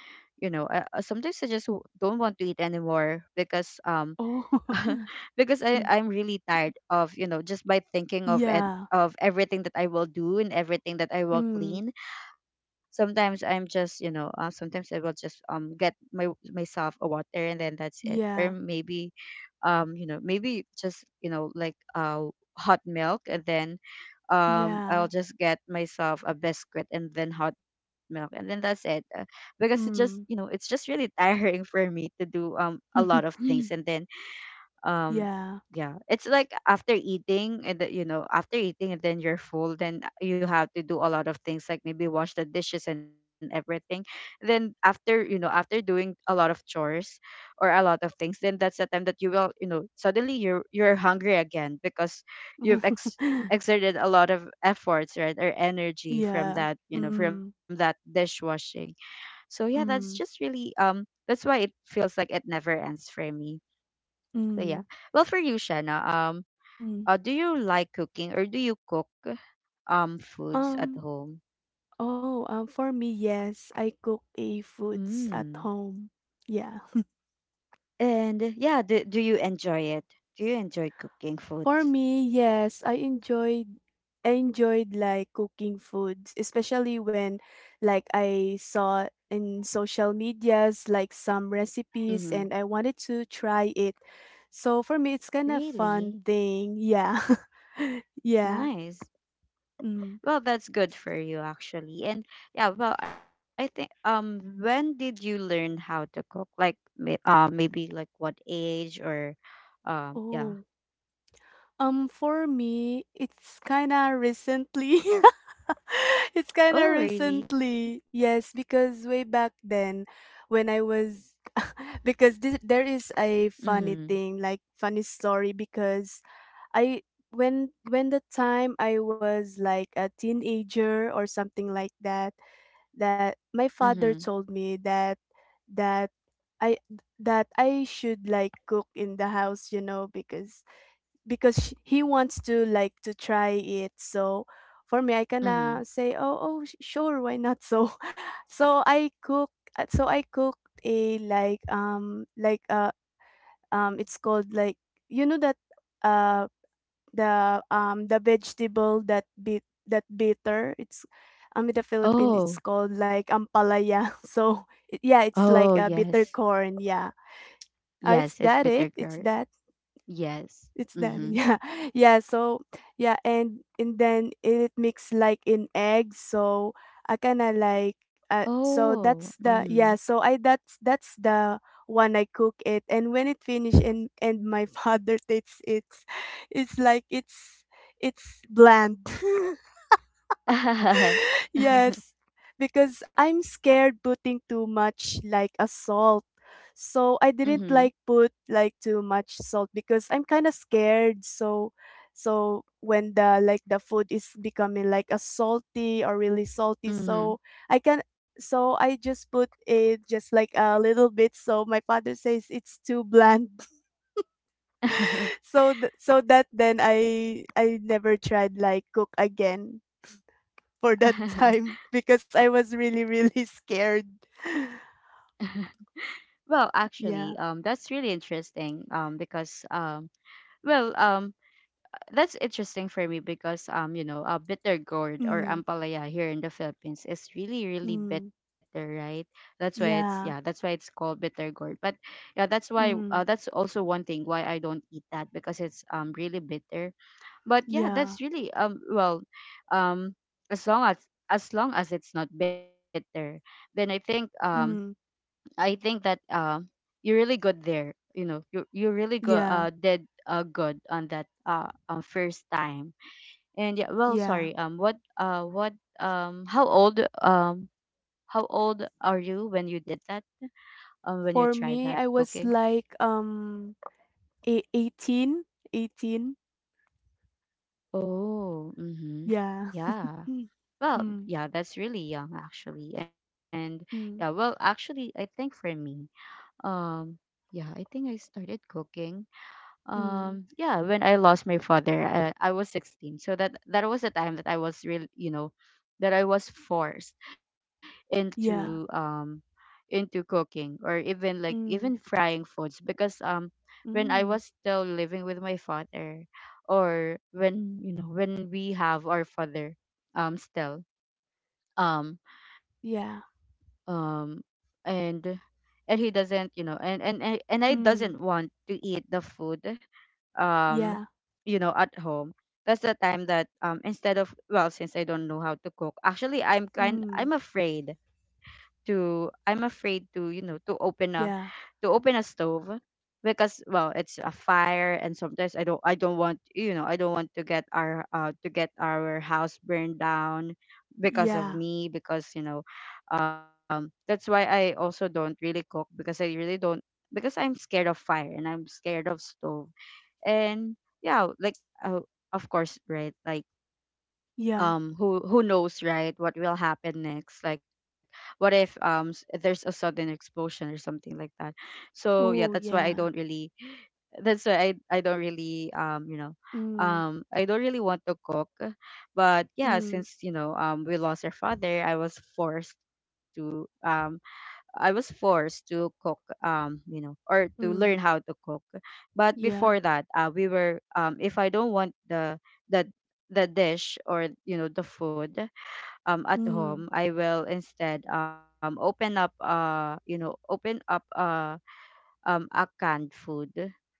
[SPEAKER 1] you know, I, sometimes I just don't want to eat anymore because
[SPEAKER 2] oh,
[SPEAKER 1] because I
[SPEAKER 2] ừm,
[SPEAKER 1] I'm really tired of, you know, just by thinking of and
[SPEAKER 2] yeah,
[SPEAKER 1] of everything that I will do and everything that I will
[SPEAKER 2] ừm,
[SPEAKER 1] clean. Sometimes I'm just, you know, sometimes I will just get my myself a water and then that's it. Or
[SPEAKER 2] yeah,
[SPEAKER 1] maybe you know, maybe just, you know, like hot milk and then I'll
[SPEAKER 2] yeah,
[SPEAKER 1] just get myself a biscuit and then hot milk and then that's it. Because it just, you know,
[SPEAKER 2] ừm,
[SPEAKER 1] it's just really tiring for me to do a lot of things. And then um
[SPEAKER 2] yeah.
[SPEAKER 1] yeah, it's like after eating and you know, after eating and then you're full, then you have to do a lot of things like maybe wash the dishes and everything. Then after, you know, after doing a lot of chores or a lot of things, then that's the time that you will, you know, suddenly you're hungry again because you've exerted a lot of efforts, right, or energy from that,
[SPEAKER 2] Yeah.
[SPEAKER 1] you know, from
[SPEAKER 2] Mm,
[SPEAKER 1] that dishwashing. So yeah, that's just
[SPEAKER 2] mm,
[SPEAKER 1] really that's why it feels like it never ends for me. So yeah.
[SPEAKER 2] mm,
[SPEAKER 1] Well, for you, Shanna,
[SPEAKER 2] mm.
[SPEAKER 1] do you like cooking, or do you cook foods at
[SPEAKER 2] Um,
[SPEAKER 1] home?
[SPEAKER 2] oh, for me, yes, I cook a foods at
[SPEAKER 1] Mm.
[SPEAKER 2] home. Yeah.
[SPEAKER 1] And yeah, do, do you enjoy it? Do you enjoy cooking
[SPEAKER 2] For
[SPEAKER 1] foods?
[SPEAKER 2] me, yes, I enjoyed like cooking foods, especially when like I saw in social medias like some
[SPEAKER 1] Mm-hmm.
[SPEAKER 2] recipes, and I wanted to try it. So for me, it's kind of
[SPEAKER 1] Really
[SPEAKER 2] fun thing. Yeah. Yeah.
[SPEAKER 1] nice.
[SPEAKER 2] Mm.
[SPEAKER 1] Well, that's good for you actually. And yeah, well, I think, when did you learn how to cook? Like, may, maybe like what age or,
[SPEAKER 2] Oh.
[SPEAKER 1] yeah.
[SPEAKER 2] For me, it's kinda recently. It's kinda
[SPEAKER 1] Oh, really?
[SPEAKER 2] recently. Yes, because way back then when I was because this, there is a funny
[SPEAKER 1] Mm-hmm.
[SPEAKER 2] thing, like funny story, because I when the time I was like a teenager or something like that, that my
[SPEAKER 1] Mm-hmm.
[SPEAKER 2] father told me that that I that I should like cook in the house, you know, because sh he wants to like to try it. So for me, I kinda
[SPEAKER 1] Mm-hmm.
[SPEAKER 2] say, "Oh, oh, sure, why not?" So, so I cook. So I cooked a like it's called like, you know, that uh the, the vegetable that bitter, it's in the Philippines, it's
[SPEAKER 1] Oh.
[SPEAKER 2] called like ampalaya. Yeah,
[SPEAKER 1] Oh,
[SPEAKER 2] it's like a
[SPEAKER 1] yes.
[SPEAKER 2] bitter corn, yeah.
[SPEAKER 1] Yes,
[SPEAKER 2] It's
[SPEAKER 1] it's
[SPEAKER 2] that
[SPEAKER 1] bitter
[SPEAKER 2] it
[SPEAKER 1] gourd.
[SPEAKER 2] it's that
[SPEAKER 1] Yes.
[SPEAKER 2] It's done.
[SPEAKER 1] Mm-hmm.
[SPEAKER 2] Yeah. Yeah, so yeah, and then it mix like in eggs. So I kind of like so
[SPEAKER 1] Oh,
[SPEAKER 2] that's the,
[SPEAKER 1] mm-hmm.
[SPEAKER 2] yeah, so I that's the one I cook it, and when it finish and my father takes it, it's like it's bland. Yes, because I'm scared putting too much like a salt. So I
[SPEAKER 1] Mm-hmm.
[SPEAKER 2] didn't like put like too much salt because I'm kind of scared. So so when the like the food is becoming like a salty or really salty,
[SPEAKER 1] Mm-hmm.
[SPEAKER 2] so I can, so I just put it just like a little bit. So my father says it's too bland. So that then I never tried like cook again for that time, because I was really, really scared.
[SPEAKER 1] Well, actually,
[SPEAKER 2] Yeah.
[SPEAKER 1] that's really interesting. Because well, that's interesting for me because, you know, a bitter gourd or
[SPEAKER 2] Mm,
[SPEAKER 1] ampalaya here in the Philippines is really really
[SPEAKER 2] mm,
[SPEAKER 1] bitter, right? That's why it's, yeah, that's
[SPEAKER 2] yeah.
[SPEAKER 1] why it's called bitter gourd. But yeah, that's why,
[SPEAKER 2] Mm,
[SPEAKER 1] that's also one thing why I don't eat that, because it's really bitter. But yeah,
[SPEAKER 2] yeah.
[SPEAKER 1] that's really well, um as long as long as it's not bitter, then
[SPEAKER 2] Mm,
[SPEAKER 1] I think that you're really good there. You know, you really go
[SPEAKER 2] yeah.
[SPEAKER 1] did good on that first time. And yeah, well,
[SPEAKER 2] Yeah.
[SPEAKER 1] sorry. What how old are you when you did that? When you tried
[SPEAKER 2] For
[SPEAKER 1] that
[SPEAKER 2] me, I
[SPEAKER 1] cooking?
[SPEAKER 2] was like 18, eighteen.
[SPEAKER 1] Oh, mm-hmm.
[SPEAKER 2] Yeah.
[SPEAKER 1] Yeah. Well,
[SPEAKER 2] Mm, mm,
[SPEAKER 1] yeah, that's really young actually. And yeah, well,
[SPEAKER 2] mm,
[SPEAKER 1] actually, I think for me, um, yeah, I think I started cooking
[SPEAKER 2] mm,
[SPEAKER 1] yeah, when I lost my father, I was 16. So that, that was the time that I was really, you know, that I was forced into
[SPEAKER 2] yeah.
[SPEAKER 1] um into cooking, or even like even
[SPEAKER 2] Mm,
[SPEAKER 1] frying foods. Because when I was
[SPEAKER 2] mm,
[SPEAKER 1] still living with my father, or when, you know, when we have our father still um
[SPEAKER 2] yeah.
[SPEAKER 1] um and and he doesn't you know and I
[SPEAKER 2] Mm,
[SPEAKER 1] doesn't want to eat the food, um
[SPEAKER 2] yeah.
[SPEAKER 1] you know, at home, that's the time that instead of, well, since I don't know how to cook, actually I'm kind
[SPEAKER 2] Mm,
[SPEAKER 1] I'm afraid to, I'm afraid to, you know, to open a,
[SPEAKER 2] yeah.
[SPEAKER 1] to open a stove, because, well, it's a fire, and sometimes I don't, I don't want, you know, I don't want to get our, to get our house burned down because of
[SPEAKER 2] Yeah.
[SPEAKER 1] me. Because, you know, that's why I also don't really cook, because I really don't, because I'm scared of fire and I'm scared of stove. And yeah, like, uh, of course, right? Like
[SPEAKER 2] Yeah.
[SPEAKER 1] who knows, right, what will happen next. Like what if there's a sudden explosion or something like that. So yeah, that's
[SPEAKER 2] Oh,
[SPEAKER 1] why I don't
[SPEAKER 2] yeah.
[SPEAKER 1] really, that's why I don't really you know,
[SPEAKER 2] Mm,
[SPEAKER 1] I don't really want to cook. But yeah,
[SPEAKER 2] mm,
[SPEAKER 1] since, you know, we lost our father, I was forced to I was forced to cook, you know, or to learn how
[SPEAKER 2] mm,
[SPEAKER 1] to cook. But before
[SPEAKER 2] yeah.
[SPEAKER 1] that, we were, if I don't want the the dish, or, you know, the food, at home,
[SPEAKER 2] Mm.
[SPEAKER 1] I will instead open up, you know, open up, a canned food.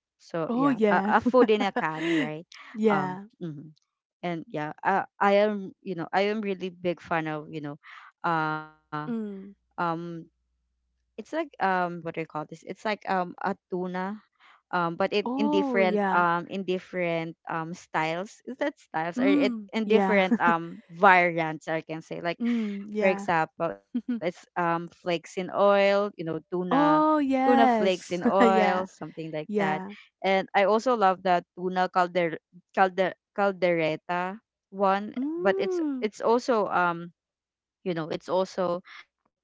[SPEAKER 1] So
[SPEAKER 2] Oh,
[SPEAKER 1] yeah, a
[SPEAKER 2] yeah.
[SPEAKER 1] food in a can, right?
[SPEAKER 2] Yeah.
[SPEAKER 1] Mhm. And yeah, I am, you know, I am really big fan of, you know, uh
[SPEAKER 2] Mm.
[SPEAKER 1] um it's like, what do you call this? It's like a tuna, but it in
[SPEAKER 2] Oh,
[SPEAKER 1] different,
[SPEAKER 2] yeah.
[SPEAKER 1] in different styles. Is that styles? Or it
[SPEAKER 2] Mm.
[SPEAKER 1] in
[SPEAKER 2] Yeah.
[SPEAKER 1] different variants, I can say. Like
[SPEAKER 2] Mm,
[SPEAKER 1] for
[SPEAKER 2] yeah.
[SPEAKER 1] example, it's flakes in oil, you know, tuna,
[SPEAKER 2] Oh,
[SPEAKER 1] tuna flakes in
[SPEAKER 2] yes.
[SPEAKER 1] oil,
[SPEAKER 2] Yeah.
[SPEAKER 1] something like that.
[SPEAKER 2] Yeah.
[SPEAKER 1] And I also love the tuna caldereta one, but it's
[SPEAKER 2] Mm.
[SPEAKER 1] it's also you know, it's also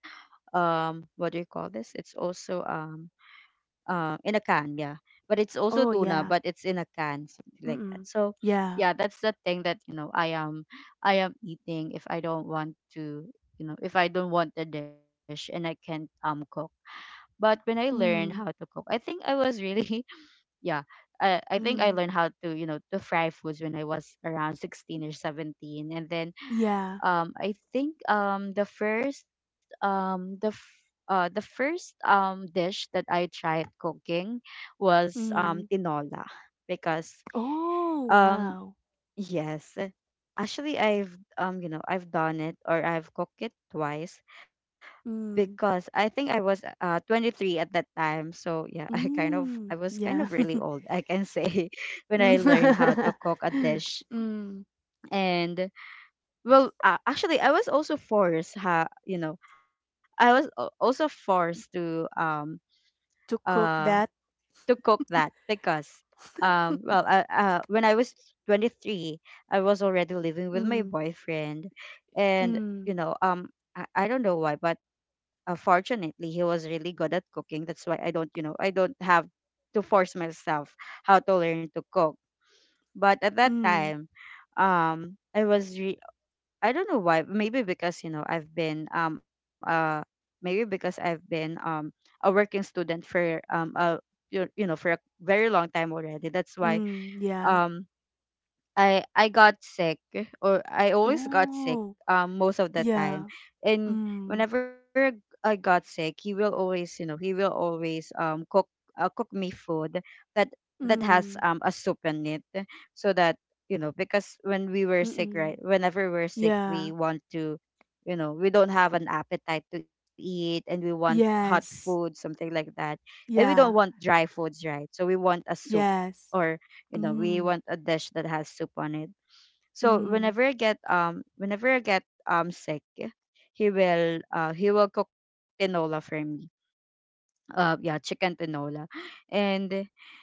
[SPEAKER 1] what do you call this? It's also in a can, yeah. But it's also
[SPEAKER 2] Oh,
[SPEAKER 1] tuna,
[SPEAKER 2] yeah.
[SPEAKER 1] but it's in a can, something like that.
[SPEAKER 2] Mm.
[SPEAKER 1] So
[SPEAKER 2] Yeah.
[SPEAKER 1] yeah, that's the thing that, you know, I am, I am eating if I don't want to, you know, if I don't want the dish and I can't cook. But when I learned how to
[SPEAKER 2] Mm.
[SPEAKER 1] cook, I think I was really, yeah, I think I
[SPEAKER 2] Mm.
[SPEAKER 1] learned how to, you know, to fry foods when I was around 16 or 17. And then
[SPEAKER 2] Yeah.
[SPEAKER 1] I think the first, the the first dish that I tried cooking was
[SPEAKER 2] Mm.
[SPEAKER 1] tinola, because
[SPEAKER 2] Oh,
[SPEAKER 1] um
[SPEAKER 2] wow.
[SPEAKER 1] yes, actually I've you know, I've done it, or I've cooked it twice, because
[SPEAKER 2] Mm.
[SPEAKER 1] I think I was 23 at that time. So yeah, I kind of, I
[SPEAKER 2] Mm.
[SPEAKER 1] was kind of
[SPEAKER 2] Yeah.
[SPEAKER 1] really old, I can say, when I learned how to
[SPEAKER 2] Mm.
[SPEAKER 1] cook a dish.
[SPEAKER 2] Mm.
[SPEAKER 1] And well, actually, I was also forced, ha, you know, I was also forced
[SPEAKER 2] To cook
[SPEAKER 1] uh
[SPEAKER 2] that.
[SPEAKER 1] to cook that, because well, when I was 23, I was already living with my
[SPEAKER 2] Mm.
[SPEAKER 1] boyfriend. And,
[SPEAKER 2] Mm.
[SPEAKER 1] you know, I don't know why, but, fortunately he was really good at cooking, that's why I don't, you know, I don't have to force myself how to learn to cook. But at that
[SPEAKER 2] Mm.
[SPEAKER 1] time, I was I don't know why. Maybe because, you know, I've been maybe because I've been a working student for a, you know, for a very long time already. That's why
[SPEAKER 2] Mm. Yeah.
[SPEAKER 1] um I got sick, or I always got sick
[SPEAKER 2] Oh,
[SPEAKER 1] most of the time.
[SPEAKER 2] yeah.
[SPEAKER 1] And
[SPEAKER 2] Mm,
[SPEAKER 1] whenever I got sick, he will always, you know, he will always cook cook me food that that has
[SPEAKER 2] mm,
[SPEAKER 1] um a soup in it, so that, you know, because when we were sick, right,
[SPEAKER 2] mm-mm.
[SPEAKER 1] whenever we're sick, we
[SPEAKER 2] Yeah.
[SPEAKER 1] want to, you know, we don't have an appetite to eat and we want hot food,
[SPEAKER 2] Yes.
[SPEAKER 1] something like that. And we don't want
[SPEAKER 2] Yeah.
[SPEAKER 1] dry foods, right, so we want a soup,
[SPEAKER 2] Yes.
[SPEAKER 1] or, you know, we
[SPEAKER 2] Mm,
[SPEAKER 1] want a dish that has soup on it. So
[SPEAKER 2] mm,
[SPEAKER 1] whenever I get whenever I get sick, he will he will cook tinola for me. Uh, yeah, chicken tinola. and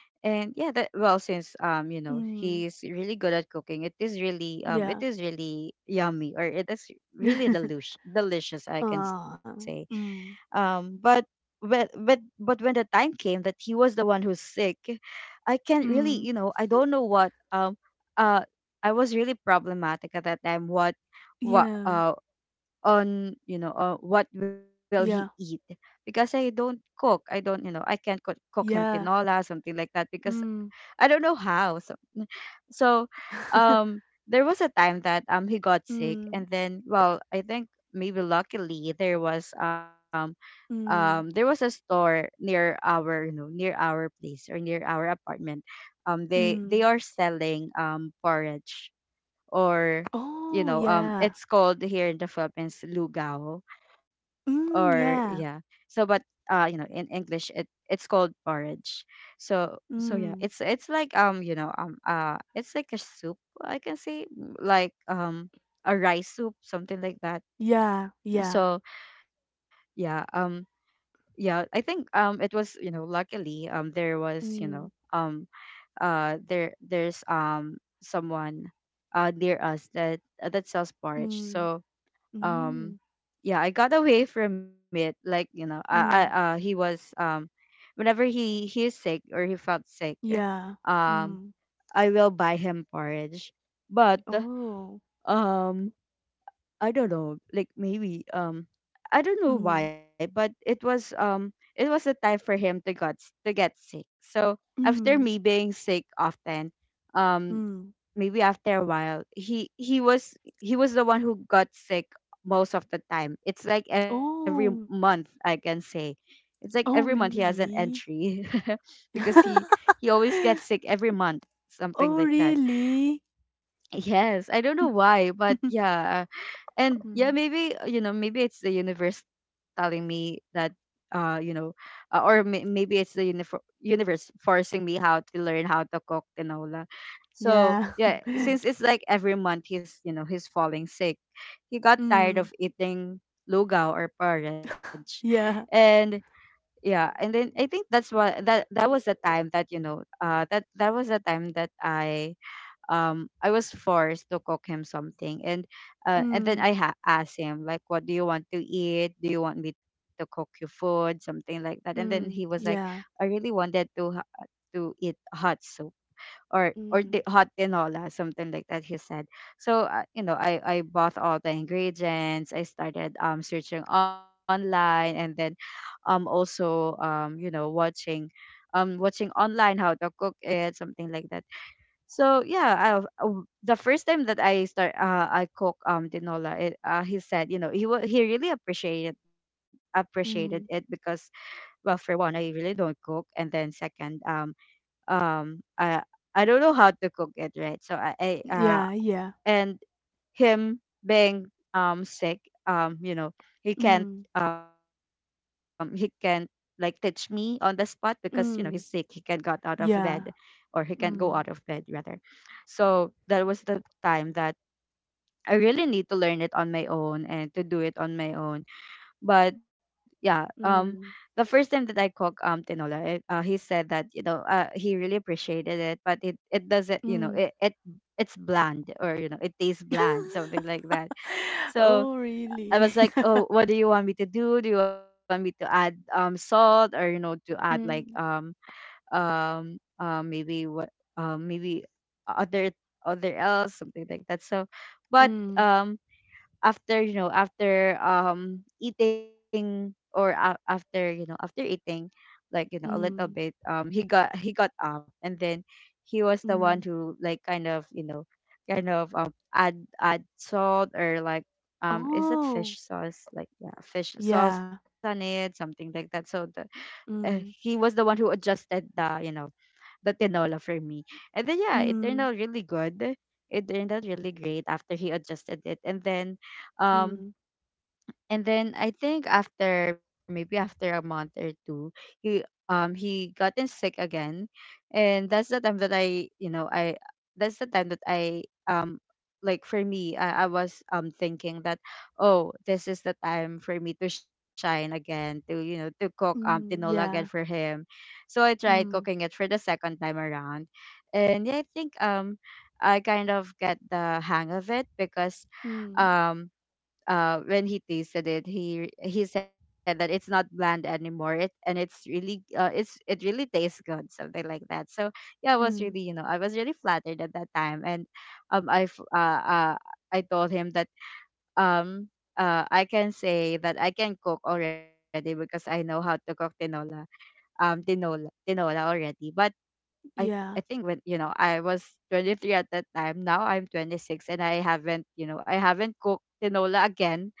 [SPEAKER 1] and yeah, that, well, since, you know,
[SPEAKER 2] mm.
[SPEAKER 1] he's really good at cooking, it
[SPEAKER 2] Yeah.
[SPEAKER 1] is really yummy, or it is really delus delicious, I can say.
[SPEAKER 2] Ah, mm,
[SPEAKER 1] Um but but but but when the time came that he was the one who's sick, I can't really, you
[SPEAKER 2] mm.
[SPEAKER 1] know, I don't know what, um, uh, I was really problematic at that time. what what
[SPEAKER 2] Yeah.
[SPEAKER 1] uh on you know, what will he eat,
[SPEAKER 2] Yeah.
[SPEAKER 1] because I don't cook, I don't, you know, I can't cook, cook him
[SPEAKER 2] Yeah.
[SPEAKER 1] tinola, something like that, because
[SPEAKER 2] Mm.
[SPEAKER 1] I don't know how. So so um there was a time that he got sick,
[SPEAKER 2] Mm,
[SPEAKER 1] and then, well, I think maybe luckily there was, um, there was
[SPEAKER 2] mm,
[SPEAKER 1] a store near our, you know, near our place or near our apartment. They
[SPEAKER 2] mm.
[SPEAKER 1] are selling porridge, or, you
[SPEAKER 2] Oh,
[SPEAKER 1] know,
[SPEAKER 2] yeah.
[SPEAKER 1] it's called here in the Philippines lugao, or
[SPEAKER 2] Mm,
[SPEAKER 1] yeah.
[SPEAKER 2] yeah.
[SPEAKER 1] So but, you know, in English it's called porridge. So yeah,
[SPEAKER 2] Mm.
[SPEAKER 1] it's, it's like, you know, um, it's like a soup, I can say. Like, a rice soup, something like that.
[SPEAKER 2] Yeah. Yeah.
[SPEAKER 1] So yeah, yeah, I think, it was, you know, luckily, there was, you know,
[SPEAKER 2] Mm,
[SPEAKER 1] um, there's someone near us that, that sells porridge.
[SPEAKER 2] mm,
[SPEAKER 1] So, um,
[SPEAKER 2] mm,
[SPEAKER 1] yeah, I got away from it. Like, you know, I,
[SPEAKER 2] mm.
[SPEAKER 1] he was, um, whenever he is sick or he felt sick,
[SPEAKER 2] Yeah.
[SPEAKER 1] um,
[SPEAKER 2] Mm.
[SPEAKER 1] I will buy him porridge. But,
[SPEAKER 2] Oh,
[SPEAKER 1] um, I don't know, like maybe, um, I don't know
[SPEAKER 2] mm,
[SPEAKER 1] why, but it was, it was the time for him to to get sick. So after me
[SPEAKER 2] mm,
[SPEAKER 1] being sick often, um,
[SPEAKER 2] mm.
[SPEAKER 1] maybe after a while, he was the one who got sick most of the time. It's like every month,
[SPEAKER 2] Oh,
[SPEAKER 1] I can say. It's like every month
[SPEAKER 2] oh,
[SPEAKER 1] he has an
[SPEAKER 2] really?
[SPEAKER 1] entry. Because he always gets sick every month, something
[SPEAKER 2] Oh,
[SPEAKER 1] like that.
[SPEAKER 2] really?
[SPEAKER 1] Yes, I don't know why, but yeah. And yeah,
[SPEAKER 2] Mm,
[SPEAKER 1] maybe, you know, maybe it's the universe telling me that, uh, you know, or maybe it's the universe forcing me how to learn how to cook tinola. So
[SPEAKER 2] yeah.
[SPEAKER 1] yeah, since it's like every month he's, you know, he's falling sick, he got tired
[SPEAKER 2] Mm,
[SPEAKER 1] of eating lugaw or porridge.
[SPEAKER 2] yeah.
[SPEAKER 1] And yeah and then I think that that was the time that, you know, uh, that that was the time that I, um, I was forced to cook him something. And, and then
[SPEAKER 2] Mm,
[SPEAKER 1] I asked him, like, what do you want to eat, do you want me to cook you food, something like that. And then he was
[SPEAKER 2] mm,
[SPEAKER 1] like,
[SPEAKER 2] yeah.
[SPEAKER 1] I really wanted to to eat hot soup, or the
[SPEAKER 2] Mm,
[SPEAKER 1] hot tinola, something like that, he said. So, you know, I bought all the ingredients. I started searching online, and then, also you know, watching, watching online how to cook it, something like that. So yeah, I, the first time that I start I cook tinola, it, he said, you know, he really appreciated, appreciated it,
[SPEAKER 2] mm,
[SPEAKER 1] because, well, for one, I really don't cook, and then second, um, I don't know how to cook it, right, so I uh
[SPEAKER 2] yeah, yeah.
[SPEAKER 1] and him being sick, you know, he can't,
[SPEAKER 2] Mm,
[SPEAKER 1] um, he can't, like, teach me on the spot because, you know, he's sick, he can't got
[SPEAKER 2] mm,
[SPEAKER 1] out of bed, or
[SPEAKER 2] yeah.
[SPEAKER 1] he can't go out of
[SPEAKER 2] Mm,
[SPEAKER 1] bed, rather. So that was the time that I really need to learn it on my own and to do it on my own. But yeah, um, the
[SPEAKER 2] mm,
[SPEAKER 1] first time that I cook tinola, it, he said that, you know, he really appreciated it, but it doesn't, you know,
[SPEAKER 2] mm.
[SPEAKER 1] it, it's bland, or, you know, it tastes bland, something like that. So
[SPEAKER 2] Oh,
[SPEAKER 1] I
[SPEAKER 2] really?
[SPEAKER 1] was like, "Oh, what do you want me to do? Do you want me to add salt, or, you know, to add like,
[SPEAKER 2] Mm,
[SPEAKER 1] um, maybe what, maybe other, other else, something like that." So, but
[SPEAKER 2] mm,
[SPEAKER 1] um, after, you know, after eating, or a, after, you know, after eating, like, you know, a little
[SPEAKER 2] mm,
[SPEAKER 1] bit, um, he got up, and then he was the one
[SPEAKER 2] mm.
[SPEAKER 1] who, like, kind of, you know, kind of, um, add, add salt, or like, um, is that
[SPEAKER 2] Oh,
[SPEAKER 1] fish sauce, like, yeah, fish sauce
[SPEAKER 2] yeah.
[SPEAKER 1] on it, something like that. So the, he
[SPEAKER 2] Mm,
[SPEAKER 1] was the one who adjusted the, you know, the tinola for me, and then yeah, it turned
[SPEAKER 2] mm,
[SPEAKER 1] out really good. It turned out really great after he adjusted it. And then, um,
[SPEAKER 2] mm,
[SPEAKER 1] and then I think after maybe after a month or two, he, um, he gotten sick again, and that's the time that I, you know, I, that's the time that I, um, like, for me, I was, um, thinking that, oh, this is the time for me to shine again, to, you know, to cook
[SPEAKER 2] mm,
[SPEAKER 1] tinola again for
[SPEAKER 2] yeah,
[SPEAKER 1] him. So I tried
[SPEAKER 2] mm,
[SPEAKER 1] cooking it for the second time around, and yeah, I think, um, I kind of get the hang of it, because,
[SPEAKER 2] mm,
[SPEAKER 1] um, uh, when he tasted it, he said that it's not bland anymore, it, and it's really, uh, it's, it really tastes good, something like that. So yeah, I was really,
[SPEAKER 2] mm,
[SPEAKER 1] you know, I was really flattered at that time. And, um, I I told him that, um, uh, I can say that I can cook already because I know how to cook tinola, um, tinola already. But i I
[SPEAKER 2] yeah,
[SPEAKER 1] think when, you know, I was 23 at that time. Now I'm 26, and I haven't, you know, I haven't cooked tinola again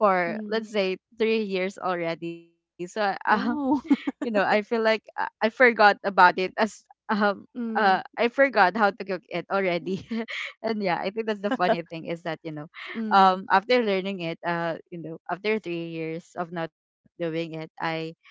[SPEAKER 1] for, let's
[SPEAKER 2] mm.
[SPEAKER 1] say, 3 years already. So
[SPEAKER 2] Oh,
[SPEAKER 1] you know, I feel like I forgot about it as, um, uh, I
[SPEAKER 2] mm,
[SPEAKER 1] forgot how to cook it already. And yeah, I think that's the funny thing, is that, you know,
[SPEAKER 2] mm,
[SPEAKER 1] um, after learning it, uh, you know, after 3 years of not doing it, I,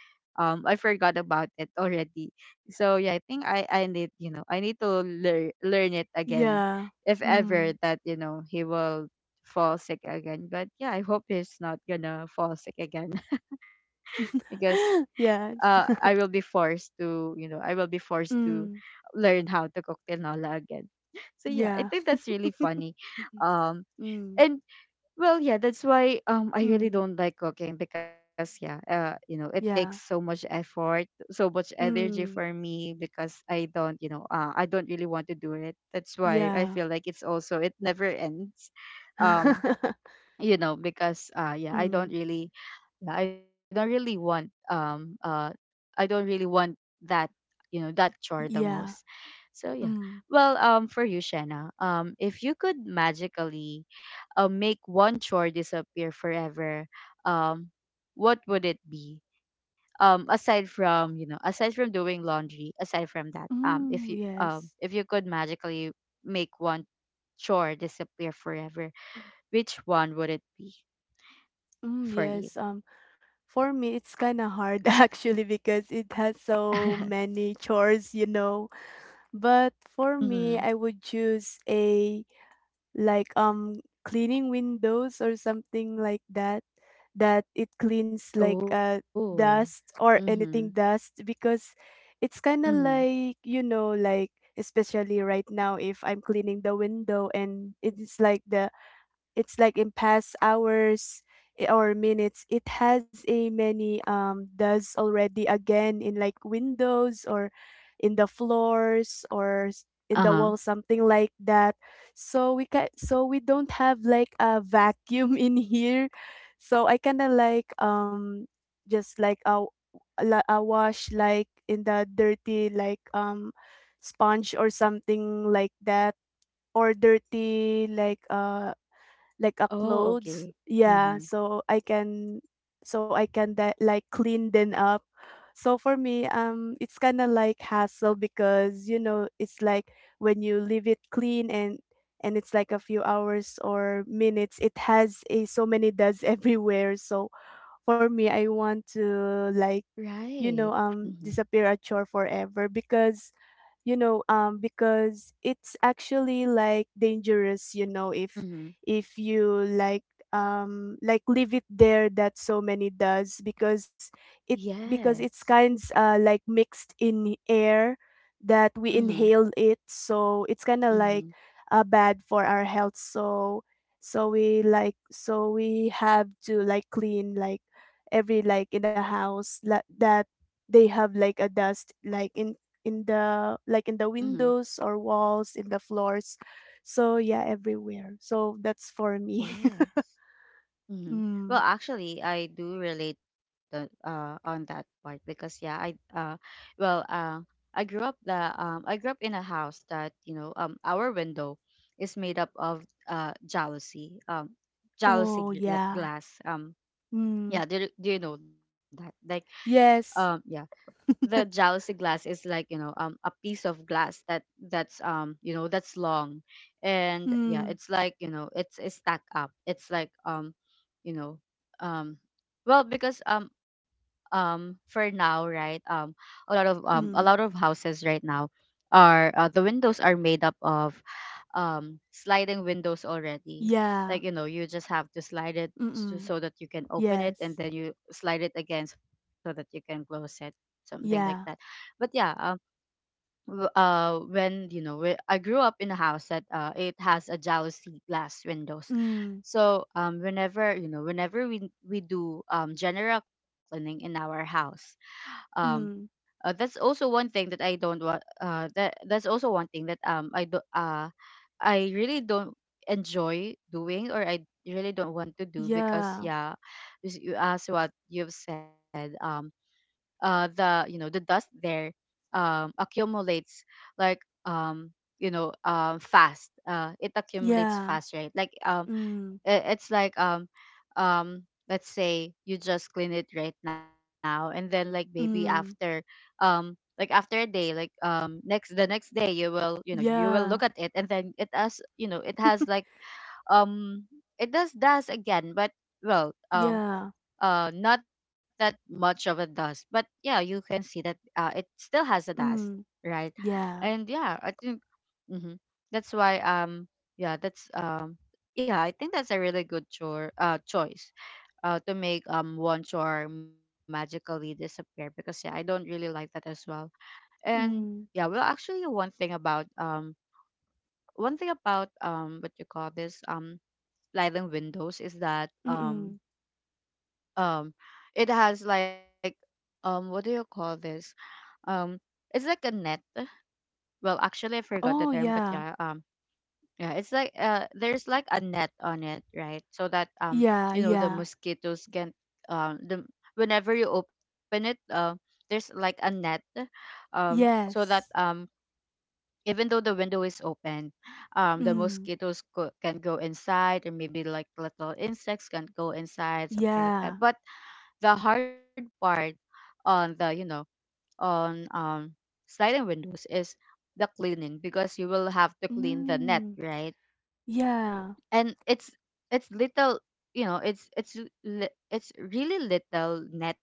[SPEAKER 1] um, I forgot about it already. So yeah, I think I need, you know, I need to learn, learn it again,
[SPEAKER 2] yeah,
[SPEAKER 1] if ever
[SPEAKER 2] mm,
[SPEAKER 1] that, you know, he will fall sick again. But yeah, I hope he's not gonna fall sick again. Because, uh,
[SPEAKER 2] yes,
[SPEAKER 1] I will be forced to, you know, I will be forced to
[SPEAKER 2] mm,
[SPEAKER 1] learn how to cook tinola again. So yeah, I
[SPEAKER 2] yeah,
[SPEAKER 1] think that's really funny.
[SPEAKER 2] mhm,
[SPEAKER 1] Um,
[SPEAKER 2] mm,
[SPEAKER 1] and, well, yeah, that's why, um, I really
[SPEAKER 2] mm,
[SPEAKER 1] don't like cooking, because yeah, uh, you know, it takes so
[SPEAKER 2] yeah,
[SPEAKER 1] much effort, so much energy for
[SPEAKER 2] mm,
[SPEAKER 1] me, because I don't, you know, uh, I don't really want to do it. That's why I
[SPEAKER 2] yeah,
[SPEAKER 1] feel like it's also it never ends. Um, you know, because, uh, yeah, I
[SPEAKER 2] mm,
[SPEAKER 1] don't really, yeah, I don't really want, um, I don't really want that, you know, that chore the
[SPEAKER 2] yeah,
[SPEAKER 1] most. So yeah.
[SPEAKER 2] mm,
[SPEAKER 1] Well, um, for you, Shanna, um, if you could magically, make one chore disappear forever, um, what would it be? Um, aside from, you know, aside from doing laundry, aside from that, um,
[SPEAKER 2] mm,
[SPEAKER 1] if you,
[SPEAKER 2] yes,
[SPEAKER 1] um, if you could magically make one chore disappear forever, which one would it be
[SPEAKER 2] mm, yes,
[SPEAKER 1] for you?
[SPEAKER 2] For me, it's kind of hard actually, because it has so many chores, you know. But for me, I would choose a like cleaning windows or something like that, that it cleans like
[SPEAKER 1] Oh.
[SPEAKER 2] dust or
[SPEAKER 1] Mhm.
[SPEAKER 2] anything dust, because it's kind of
[SPEAKER 1] Mhm.
[SPEAKER 2] like, you know, like, especially right now, if I'm cleaning the window and it's like the, it's like in past hours, or minutes, it has a many does already again in like windows, or in the floors, or in the wall,
[SPEAKER 1] Uh-huh.
[SPEAKER 2] something like that. So we can, so we don't have like a vacuum in here. So I kind of like, just like a, a wash, like in the dirty like sponge or something like that, or dirty like a
[SPEAKER 1] Oh,
[SPEAKER 2] clothes,
[SPEAKER 1] okay.
[SPEAKER 2] yeah, so
[SPEAKER 1] Mhm.
[SPEAKER 2] I can, so I can that like clean them up. So for me, it's kind of like hassle, because you know it's like when you leave it clean and it's like a few hours or minutes, it has a so many dust everywhere. So for me, I want to like, you know,
[SPEAKER 1] Right. Mhm.
[SPEAKER 2] disappear a chore forever, because you know because it's actually like dangerous, you know,
[SPEAKER 1] Mhm.
[SPEAKER 2] if you like, like leave it there, that so many does, because it, because it's
[SPEAKER 1] Yes.
[SPEAKER 2] kinds like mixed in air that we
[SPEAKER 1] Mhm.
[SPEAKER 2] inhale it, so it's kind of like
[SPEAKER 1] Mhm.
[SPEAKER 2] bad for our health. So so we like, so we have to like clean, like every like in the house, that they have like a dust, like in the, like in the
[SPEAKER 1] Mhm.
[SPEAKER 2] windows or walls, in the floors, so yeah, everywhere. So that's for me.
[SPEAKER 1] Yes. Mhm. Well,
[SPEAKER 2] Mm.
[SPEAKER 1] actually, I do relate on that part because yeah, I uh, well, uh, I grew up the I grew up in a house that, you know, um, our window is made up of jealousy, jealousy
[SPEAKER 2] Oh
[SPEAKER 1] like
[SPEAKER 2] yeah.
[SPEAKER 1] glass, um. Yeah,
[SPEAKER 2] Mm.
[SPEAKER 1] do, do you know that? Like, yeah,
[SPEAKER 2] Yes.
[SPEAKER 1] the jealousy glass is like, you know, a piece of glass that that's, you know, that's long, and yeah,
[SPEAKER 2] Mm.
[SPEAKER 1] it's like, you know, it's stacked up. It's like, you know, um, well, because, for now, right, a lot
[SPEAKER 2] Mm.
[SPEAKER 1] of houses right now are, the windows are made up of sliding windows already,
[SPEAKER 2] Yeah.
[SPEAKER 1] like, you know, you just have to slide it so
[SPEAKER 2] Mm-mm.
[SPEAKER 1] so that you can open it and
[SPEAKER 2] Yes.
[SPEAKER 1] then you slide it again so that you can close it, something like that.
[SPEAKER 2] Yeah.
[SPEAKER 1] But yeah, um, when, you know, we, I grew up in a house that, uh, it has a jealousy glass windows.
[SPEAKER 2] Mm.
[SPEAKER 1] So, um, whenever, you know, whenever we do general cleaning in our house, um,
[SPEAKER 2] Mm.
[SPEAKER 1] that's also one thing that I don't want. That's also one thing that I do. I really don't enjoy doing, or I really don't want to do, because
[SPEAKER 2] Yeah.
[SPEAKER 1] yeah, as what you've said, the you know the dust there, accumulates like um fast. It accumulates
[SPEAKER 2] Yeah.
[SPEAKER 1] fast, right? Like,
[SPEAKER 2] Mm.
[SPEAKER 1] I- it's like let's say you just clean it right now, and then like maybe after,
[SPEAKER 2] Mm.
[SPEAKER 1] like after a day, next the next day you will look at
[SPEAKER 2] Yeah.
[SPEAKER 1] it, and then it has you know it has like um it does dust again, but well,
[SPEAKER 2] Yeah.
[SPEAKER 1] not that much of a dust. But yeah, you can see that, it still has a dust,
[SPEAKER 2] Mm.
[SPEAKER 1] right?
[SPEAKER 2] Yeah.
[SPEAKER 1] And yeah, I think. Mm-hmm. That's why, yeah, that's— yeah, I think that's a really good chore choice, to make, one chore magically disappear, because yeah, I don't really like that as well. And yeah.
[SPEAKER 2] Mm.
[SPEAKER 1] Well, actually, one thing about— what you call this, sliding windows, is that,
[SPEAKER 2] Mm-mm.
[SPEAKER 1] um it has, like, what do you call this, um it's like a net. Well, actually, I forgot the
[SPEAKER 2] Oh,
[SPEAKER 1] term, but
[SPEAKER 2] yeah.
[SPEAKER 1] yeah. Yeah, it's like, there's like a net on it, right? So that,
[SPEAKER 2] Yeah,
[SPEAKER 1] the
[SPEAKER 2] yeah.
[SPEAKER 1] mosquitoes can— the whenever you open it, there's like a net, so that,
[SPEAKER 2] Yes.
[SPEAKER 1] even though the window is open, the
[SPEAKER 2] Mm.
[SPEAKER 1] can go inside, or maybe like little insects can go inside, something like that.
[SPEAKER 2] Yeah.
[SPEAKER 1] But the hard part on— the you know on sliding windows is the cleaning, because you will have to clean the net,
[SPEAKER 2] Mm.
[SPEAKER 1] right?
[SPEAKER 2] Yeah.
[SPEAKER 1] And it's little, you know it's it's it's really little net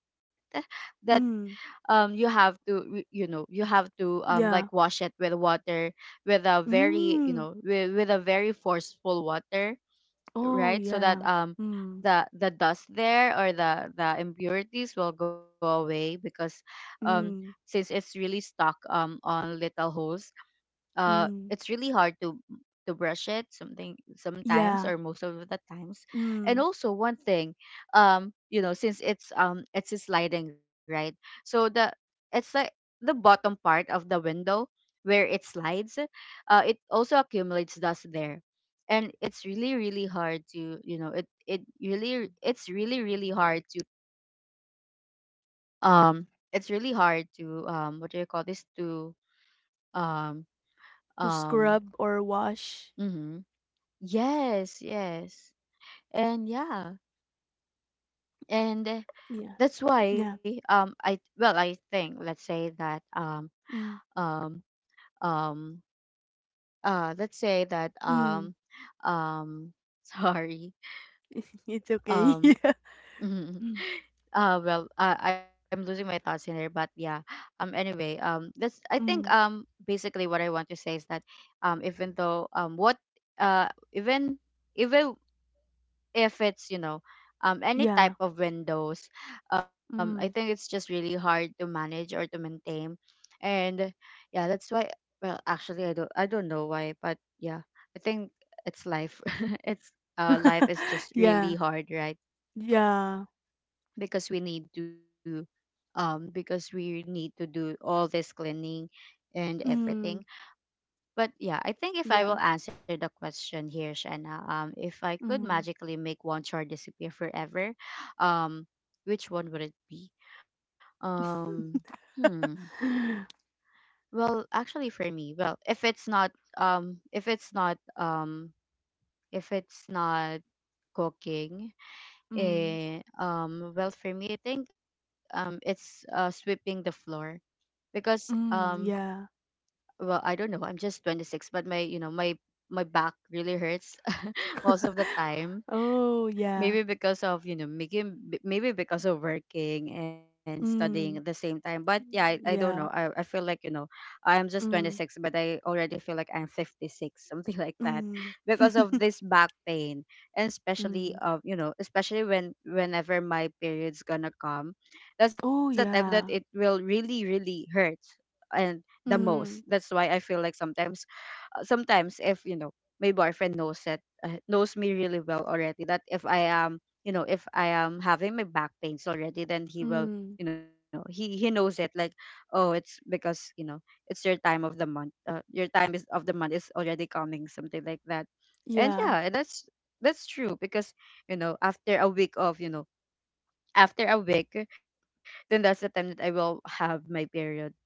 [SPEAKER 1] that,
[SPEAKER 2] Mm.
[SPEAKER 1] you have to, like,
[SPEAKER 2] Yeah.
[SPEAKER 1] wash it with water, with a very—
[SPEAKER 2] Mm.
[SPEAKER 1] with a very forceful water,
[SPEAKER 2] Oh,
[SPEAKER 1] right, so that,
[SPEAKER 2] yeah. Mm.
[SPEAKER 1] the dust there, or the impurities, will go away, because, um
[SPEAKER 2] Mm.
[SPEAKER 1] since it's really stuck, on little holes,
[SPEAKER 2] Mm.
[SPEAKER 1] it's really hard to brush it, something, sometimes,
[SPEAKER 2] Yeah.
[SPEAKER 1] or most of the times. And
[SPEAKER 2] Mm.
[SPEAKER 1] also, one thing, since it's a sliding, right? So the it's like the bottom part of the window, where it slides, it also accumulates dust there. And it's really, really hard to— um it's really hard to, what do you call this, to, um
[SPEAKER 2] To
[SPEAKER 1] um
[SPEAKER 2] scrub or wash.
[SPEAKER 1] mhm. Yes, yes. And yeah. And,
[SPEAKER 2] Yeah.
[SPEAKER 1] that's
[SPEAKER 2] Yeah.
[SPEAKER 1] why, I— well, I think, let's say that,
[SPEAKER 2] Mm.
[SPEAKER 1] um um let's say that,
[SPEAKER 2] Mm.
[SPEAKER 1] um sorry.
[SPEAKER 2] It's okay.
[SPEAKER 1] Um
[SPEAKER 2] Yeah. Mm.
[SPEAKER 1] well, I'm losing my thoughts in there, but yeah. Anyway, that's— I think,
[SPEAKER 2] Mm.
[SPEAKER 1] basically what I want to say is that, even though, what even even if it's, you know, any
[SPEAKER 2] Yeah.
[SPEAKER 1] type of windows, I think it's
[SPEAKER 2] Mm.
[SPEAKER 1] just really hard to manage, or to maintain. And yeah, that's why— well, actually, I don't know why, but yeah, I think it's life. It's— life is just really
[SPEAKER 2] Yeah.
[SPEAKER 1] hard, right?
[SPEAKER 2] Yeah.
[SPEAKER 1] Because we need to do all this cleaning, and everything.
[SPEAKER 2] Mm.
[SPEAKER 1] But yeah, I think if I will
[SPEAKER 2] Yeah.
[SPEAKER 1] answer the question here, Shanna, if I could
[SPEAKER 2] Mm.
[SPEAKER 1] magically make one chore disappear forever, um, which one would it be? Um, hmm. Well, actually, for me, well, um, if it's not, um, if it's not cooking,
[SPEAKER 2] Mm.
[SPEAKER 1] well, for me, I think, it's, sweeping the floor, because,
[SPEAKER 2] Mm. Yeah.
[SPEAKER 1] well, I don't know, I'm just 26, but my— my back really hurts most of the time,
[SPEAKER 2] Oh, yeah.
[SPEAKER 1] maybe because of— maybe because of working and studying at the
[SPEAKER 2] Mm.
[SPEAKER 1] same time. But yeah, I don't know,
[SPEAKER 2] Yeah.
[SPEAKER 1] I feel like, you know, I'm just 26,
[SPEAKER 2] Mm.
[SPEAKER 1] but I already feel like I'm 56, something like that,
[SPEAKER 2] Mm.
[SPEAKER 1] because of this back pain. And especially
[SPEAKER 2] Mm.
[SPEAKER 1] of— especially when, whenever my period's gonna come, that's the
[SPEAKER 2] Oh,
[SPEAKER 1] time that it
[SPEAKER 2] yeah.
[SPEAKER 1] will really, really hurt. And the most—
[SPEAKER 2] Mm.
[SPEAKER 1] that's why I feel like sometimes. Sometimes if, you know, my boyfriend knows that, knows me really well already, that if I am, if I am having my back pains already, then he will—
[SPEAKER 2] Mm.
[SPEAKER 1] you know, he knows it like, oh, it's because, you know, it's your time of the month. Your time— is of the month is already coming, something like that. And
[SPEAKER 2] Yeah.
[SPEAKER 1] yeah. And that's— that's true because, you know, after a week of— you know after a week then that's the time that I will have my period.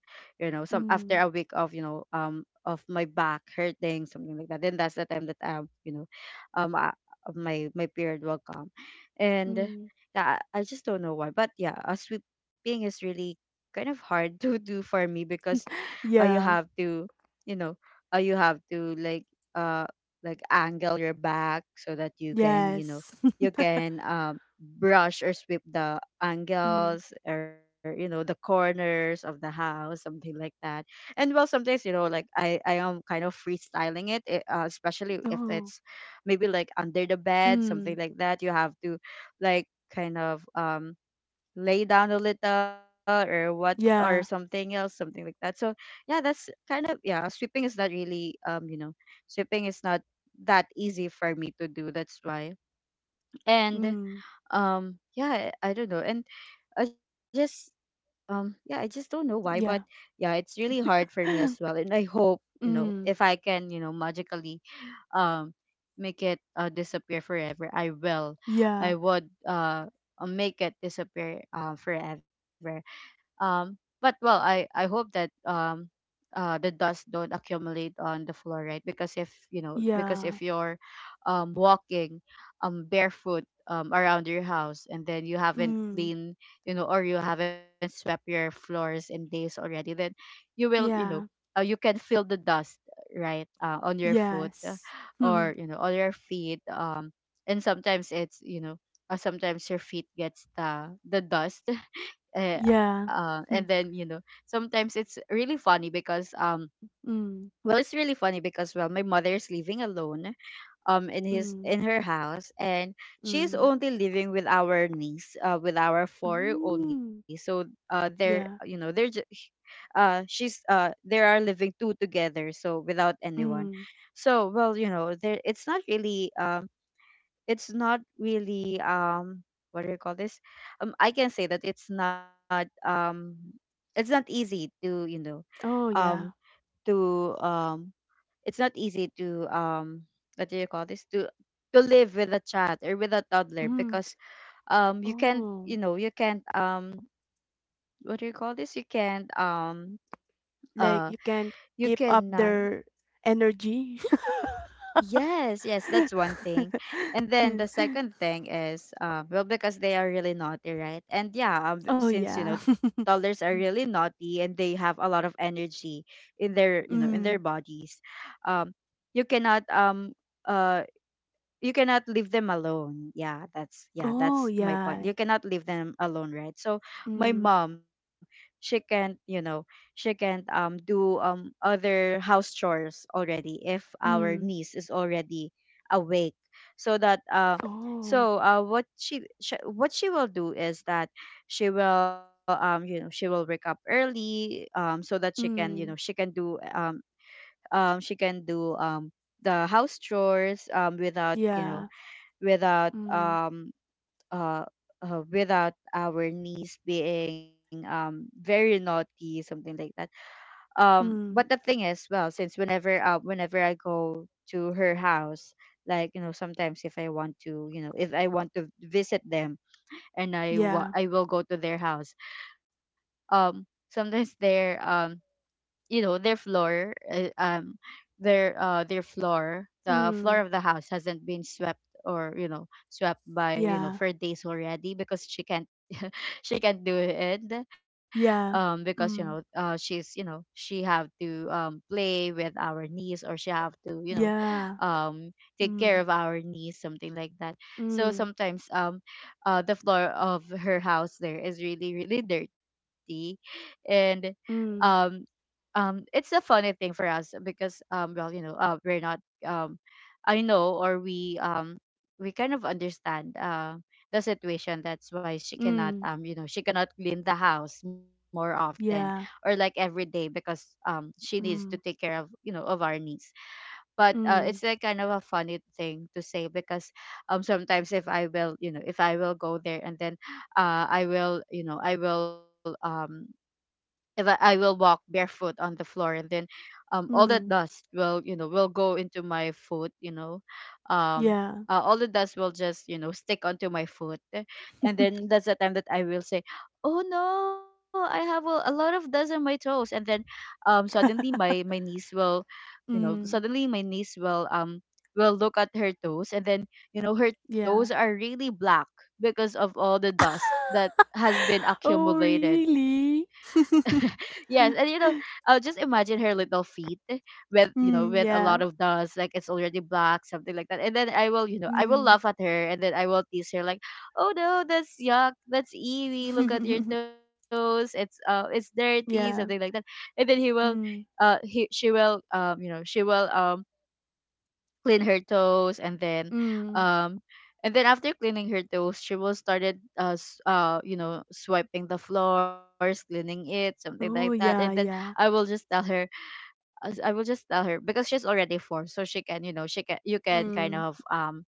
[SPEAKER 1] You know, some after a
[SPEAKER 2] Mm.
[SPEAKER 1] week of, of my back hurting, something like that, then that's the time that, um uh, my period will come. And
[SPEAKER 2] Mm.
[SPEAKER 1] yeah, I just don't know why, but yeah, sweeping is really kind of hard to do for me, because, you have
[SPEAKER 2] Yeah.
[SPEAKER 1] to— you know, you have to, like, uh like, angle your back, so that you can— you know,
[SPEAKER 2] Yes.
[SPEAKER 1] you can brush or sweep the
[SPEAKER 2] Mm.
[SPEAKER 1] angles, or, you know, the corners of the house, something like that. And, well, sometimes, you know, like, I am kind of freestyling it, especially if
[SPEAKER 2] Oh.
[SPEAKER 1] it's maybe like under the bed,
[SPEAKER 2] Mm.
[SPEAKER 1] something like that. You have to, like, kind of, lay down a little, or what, or
[SPEAKER 2] Yeah.
[SPEAKER 1] something else, something like that. So yeah, that's kind of— yeah, sweeping is not really, sweeping is not that easy for me to do, that's why. And,
[SPEAKER 2] Mm.
[SPEAKER 1] yeah, I don't know. And I just, yeah, I just don't know why, but
[SPEAKER 2] Yeah.
[SPEAKER 1] yeah, it's really hard for me as well. And I hope, you know,
[SPEAKER 2] Mm.
[SPEAKER 1] if I can, you know, magically, um make it, disappear forever, I will— i
[SPEAKER 2] Yeah.
[SPEAKER 1] would uh uh, make it disappear, forever. But well, I hope that, the dust don't accumulate on the floor, right? Because if— you know, because if
[SPEAKER 2] Yeah.
[SPEAKER 1] you're, walking, barefoot, around your house, and then you haven't
[SPEAKER 2] Mm.
[SPEAKER 1] cleaned, you know, or you haven't swept your floors in days already, then you will, you know,
[SPEAKER 2] Yeah.
[SPEAKER 1] you can feel the dust, right, on your foot,
[SPEAKER 2] Yes.
[SPEAKER 1] or, you know, on your feet. And sometimes it's, you know. Sometimes your feet gets the dust uh,
[SPEAKER 2] Yeah.
[SPEAKER 1] and then, you know, sometimes it's really funny because,
[SPEAKER 2] Mm.
[SPEAKER 1] well, it's really funny because, well, my mother is living alone,
[SPEAKER 2] Mm.
[SPEAKER 1] in her house, and she's
[SPEAKER 2] Mm.
[SPEAKER 1] only living with our niece, with our four only.
[SPEAKER 2] Mm.
[SPEAKER 1] So, they're— you know,
[SPEAKER 2] Yeah.
[SPEAKER 1] she's they are living two together, so, without anyone.
[SPEAKER 2] Mm.
[SPEAKER 1] So, well, you know, there it's not really, it's not really, what do you call this. I can say that it's not, it's not easy to, you know,
[SPEAKER 2] Oh,
[SPEAKER 1] um
[SPEAKER 2] yeah.
[SPEAKER 1] to it's not easy to, what do you call this, to live with a child or with a toddler,
[SPEAKER 2] Mm.
[SPEAKER 1] because, you can't, you
[SPEAKER 2] Oh,
[SPEAKER 1] know, you can't what do you call this, you can't, uh
[SPEAKER 2] like you can
[SPEAKER 1] you
[SPEAKER 2] keep up
[SPEAKER 1] cannot.
[SPEAKER 2] their energy.
[SPEAKER 1] Yes, yes, that's one thing. And then the second thing is, well, because they are really naughty, right? And yeah,
[SPEAKER 2] Oh,
[SPEAKER 1] since, you
[SPEAKER 2] yeah.
[SPEAKER 1] know, toddlers are really naughty and they have a lot of energy in their, you know, in their
[SPEAKER 2] Mm.
[SPEAKER 1] bodies, um, you cannot, uh you cannot leave them alone. Yeah, that's— yeah,
[SPEAKER 2] Oh,
[SPEAKER 1] that's my point.
[SPEAKER 2] yeah.
[SPEAKER 1] You cannot leave them alone, right? So my
[SPEAKER 2] Mm.
[SPEAKER 1] mom, she can't, you know, she can't do, other house chores already, if our
[SPEAKER 2] Mm.
[SPEAKER 1] niece is already awake. So that
[SPEAKER 2] Oh.
[SPEAKER 1] so what she what she will do is that she will wake up early, so that she can she
[SPEAKER 2] Mm.
[SPEAKER 1] can do um she can do um the house chores, without
[SPEAKER 2] Yeah.
[SPEAKER 1] without
[SPEAKER 2] Mm.
[SPEAKER 1] um uh, without our niece being very naughty, something like that. But the
[SPEAKER 2] Mm.
[SPEAKER 1] thing is, well, since whenever I go to her house, like, sometimes if I want to, if I want to visit them, and
[SPEAKER 2] Yeah.
[SPEAKER 1] I will go to their house. Sometimes they're you know their floor the floor
[SPEAKER 2] Mm.
[SPEAKER 1] of the house hasn't been swept, or, swept, by you know
[SPEAKER 2] Yeah.
[SPEAKER 1] for days already, because she can't she can't do it,
[SPEAKER 2] Yeah.
[SPEAKER 1] because,
[SPEAKER 2] Mm.
[SPEAKER 1] she's, she have to play with our niece, or she have to,
[SPEAKER 2] Yeah.
[SPEAKER 1] um take care
[SPEAKER 2] Mm.
[SPEAKER 1] of our niece, something like that. So
[SPEAKER 2] Mm.
[SPEAKER 1] sometimes, the floor of her house there is really, really dirty. And um
[SPEAKER 2] Mm.
[SPEAKER 1] it's a funny thing for us, because, well, we're not, um I know, or we, we kind of understand the situation, that's why she cannot,
[SPEAKER 2] Mm.
[SPEAKER 1] she cannot clean the house more often, or
[SPEAKER 2] Yeah.
[SPEAKER 1] like every day, because she needs to take
[SPEAKER 2] Mm.
[SPEAKER 1] care of, of our needs. But it's
[SPEAKER 2] Mm.
[SPEAKER 1] like kind of a funny thing to say, because sometimes if I will, if I will go there, and then I will, I will, if I will walk barefoot on the floor, and then all that
[SPEAKER 2] Mm.
[SPEAKER 1] dust will, will go into my foot, um
[SPEAKER 2] Yeah.
[SPEAKER 1] all the dust will just, stick onto my foot, eh, and then that's the time that I will say, "Oh no, I have a lot of dust on my toes." And then suddenly my niece will, you know
[SPEAKER 2] Mm.
[SPEAKER 1] suddenly my niece will um will look at her toes, and then, her
[SPEAKER 2] Yeah.
[SPEAKER 1] toes are really black, because of all the dust that has been
[SPEAKER 2] Oh,
[SPEAKER 1] accumulated.
[SPEAKER 2] really?
[SPEAKER 1] Yes, and, just imagine her little feet with, with a
[SPEAKER 2] Mm,
[SPEAKER 1] lot of
[SPEAKER 2] yeah.
[SPEAKER 1] dust, like it's already black, something like that. And then I will, I will
[SPEAKER 2] Mm.
[SPEAKER 1] laugh at her, and then I will tease her like, "Oh no, that's yuck, that's ewy. Look at your toes. It's dirty," something like that.
[SPEAKER 2] Yeah.
[SPEAKER 1] And then he will,
[SPEAKER 2] Mm.
[SPEAKER 1] he she will, she will clean her toes,
[SPEAKER 2] Mm.
[SPEAKER 1] um and then after cleaning her toes she will started swiping the floors, cleaning it, something like that.
[SPEAKER 2] Oh,
[SPEAKER 1] And then
[SPEAKER 2] yeah,
[SPEAKER 1] I will
[SPEAKER 2] yeah.
[SPEAKER 1] just tell her, I will just tell her, because she's already four, so she can, she can, you can kind
[SPEAKER 2] Mm.
[SPEAKER 1] of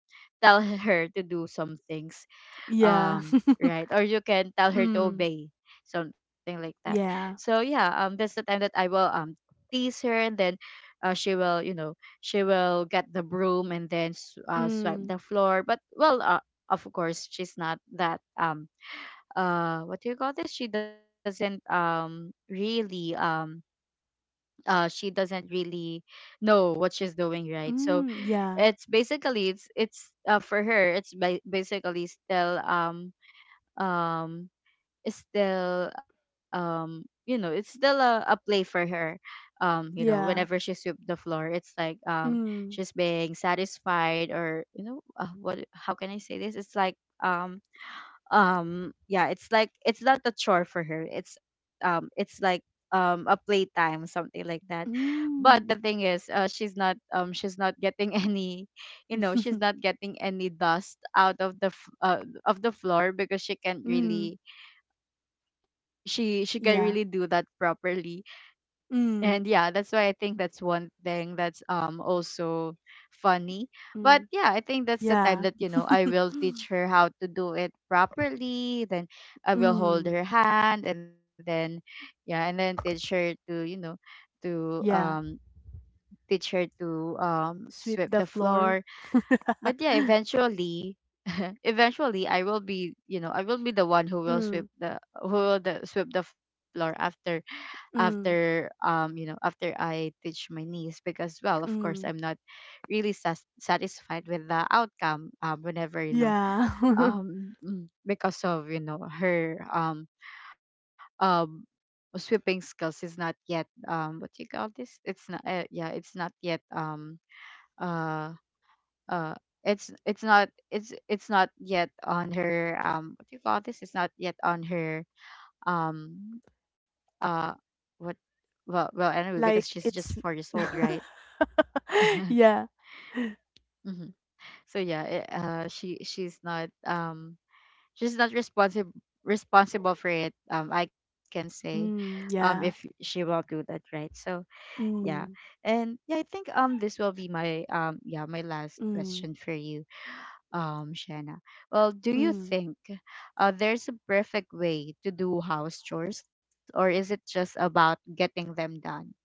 [SPEAKER 1] tell her to do some things,
[SPEAKER 2] Yeah.
[SPEAKER 1] right, or you can tell her to
[SPEAKER 2] Mm.
[SPEAKER 1] obey, something like that. So
[SPEAKER 2] Yeah.
[SPEAKER 1] yeah, that's the time that I will tease her, and then, she will, she will get the broom, and then, swipe
[SPEAKER 2] Mm.
[SPEAKER 1] the floor. But well, of course she's not that what do you call this, she doesn't really, she doesn't really know what she's doing, right? So
[SPEAKER 2] Mm. Yeah.
[SPEAKER 1] it's basically, it's for her it's basically still um is still, it's still a play for her. You know, whenever
[SPEAKER 2] Yeah.
[SPEAKER 1] she sweep the floor, it's like,
[SPEAKER 2] Mm.
[SPEAKER 1] she's being satisfied, or, what, how can I say this, it's like um yeah, it's like it's not a chore for her, it's like a playtime, something like that. But the
[SPEAKER 2] Mm.
[SPEAKER 1] thing is, she's not getting any, she's not getting any dust out of of the floor, because she can't
[SPEAKER 2] Mm.
[SPEAKER 1] really, she can
[SPEAKER 2] Yeah.
[SPEAKER 1] really do that properly.
[SPEAKER 2] Mm.
[SPEAKER 1] And yeah, that's why I think that's one thing that's also funny. But
[SPEAKER 2] Mm.
[SPEAKER 1] yeah, I think that's the time
[SPEAKER 2] Yeah.
[SPEAKER 1] that, I will teach her how to do it properly, then I will hold
[SPEAKER 2] Mm.
[SPEAKER 1] her hand, and then yeah, and then teach her to, to,
[SPEAKER 2] Yeah.
[SPEAKER 1] teach her to
[SPEAKER 2] Sweep
[SPEAKER 1] sweep
[SPEAKER 2] the
[SPEAKER 1] the
[SPEAKER 2] floor.
[SPEAKER 1] floor. But yeah, eventually, eventually I will be, I will be the one who will sweep
[SPEAKER 2] Mm.
[SPEAKER 1] the, who will, sweep the floor after, after,
[SPEAKER 2] Mm.
[SPEAKER 1] after I teach my niece. Because, well, of course I'm
[SPEAKER 2] Mm.
[SPEAKER 1] not really, satisfied with the outcome, whenever,
[SPEAKER 2] Yeah.
[SPEAKER 1] because of, her um sweeping skills is not yet, what do you call this, it's not, yeah it's not yet uh uh it's not it's it's not yet on her, what do you call this, it's not yet on her um uh what, well, well, anyway, because she's
[SPEAKER 2] Like,
[SPEAKER 1] just four
[SPEAKER 2] it's
[SPEAKER 1] years old, right?
[SPEAKER 2] Yeah.
[SPEAKER 1] Hmm. So yeah, she's not responsible, responsible for it, I can say,
[SPEAKER 2] Mm,
[SPEAKER 1] if
[SPEAKER 2] yeah.
[SPEAKER 1] she will do that, right? So yeah.
[SPEAKER 2] Mm,
[SPEAKER 1] And yeah, I think this will be my, yeah, my last
[SPEAKER 2] mm,
[SPEAKER 1] question for you, Shanna. Well, do you
[SPEAKER 2] mm,
[SPEAKER 1] think there's a perfect way to do house chores, or is it just about getting them done?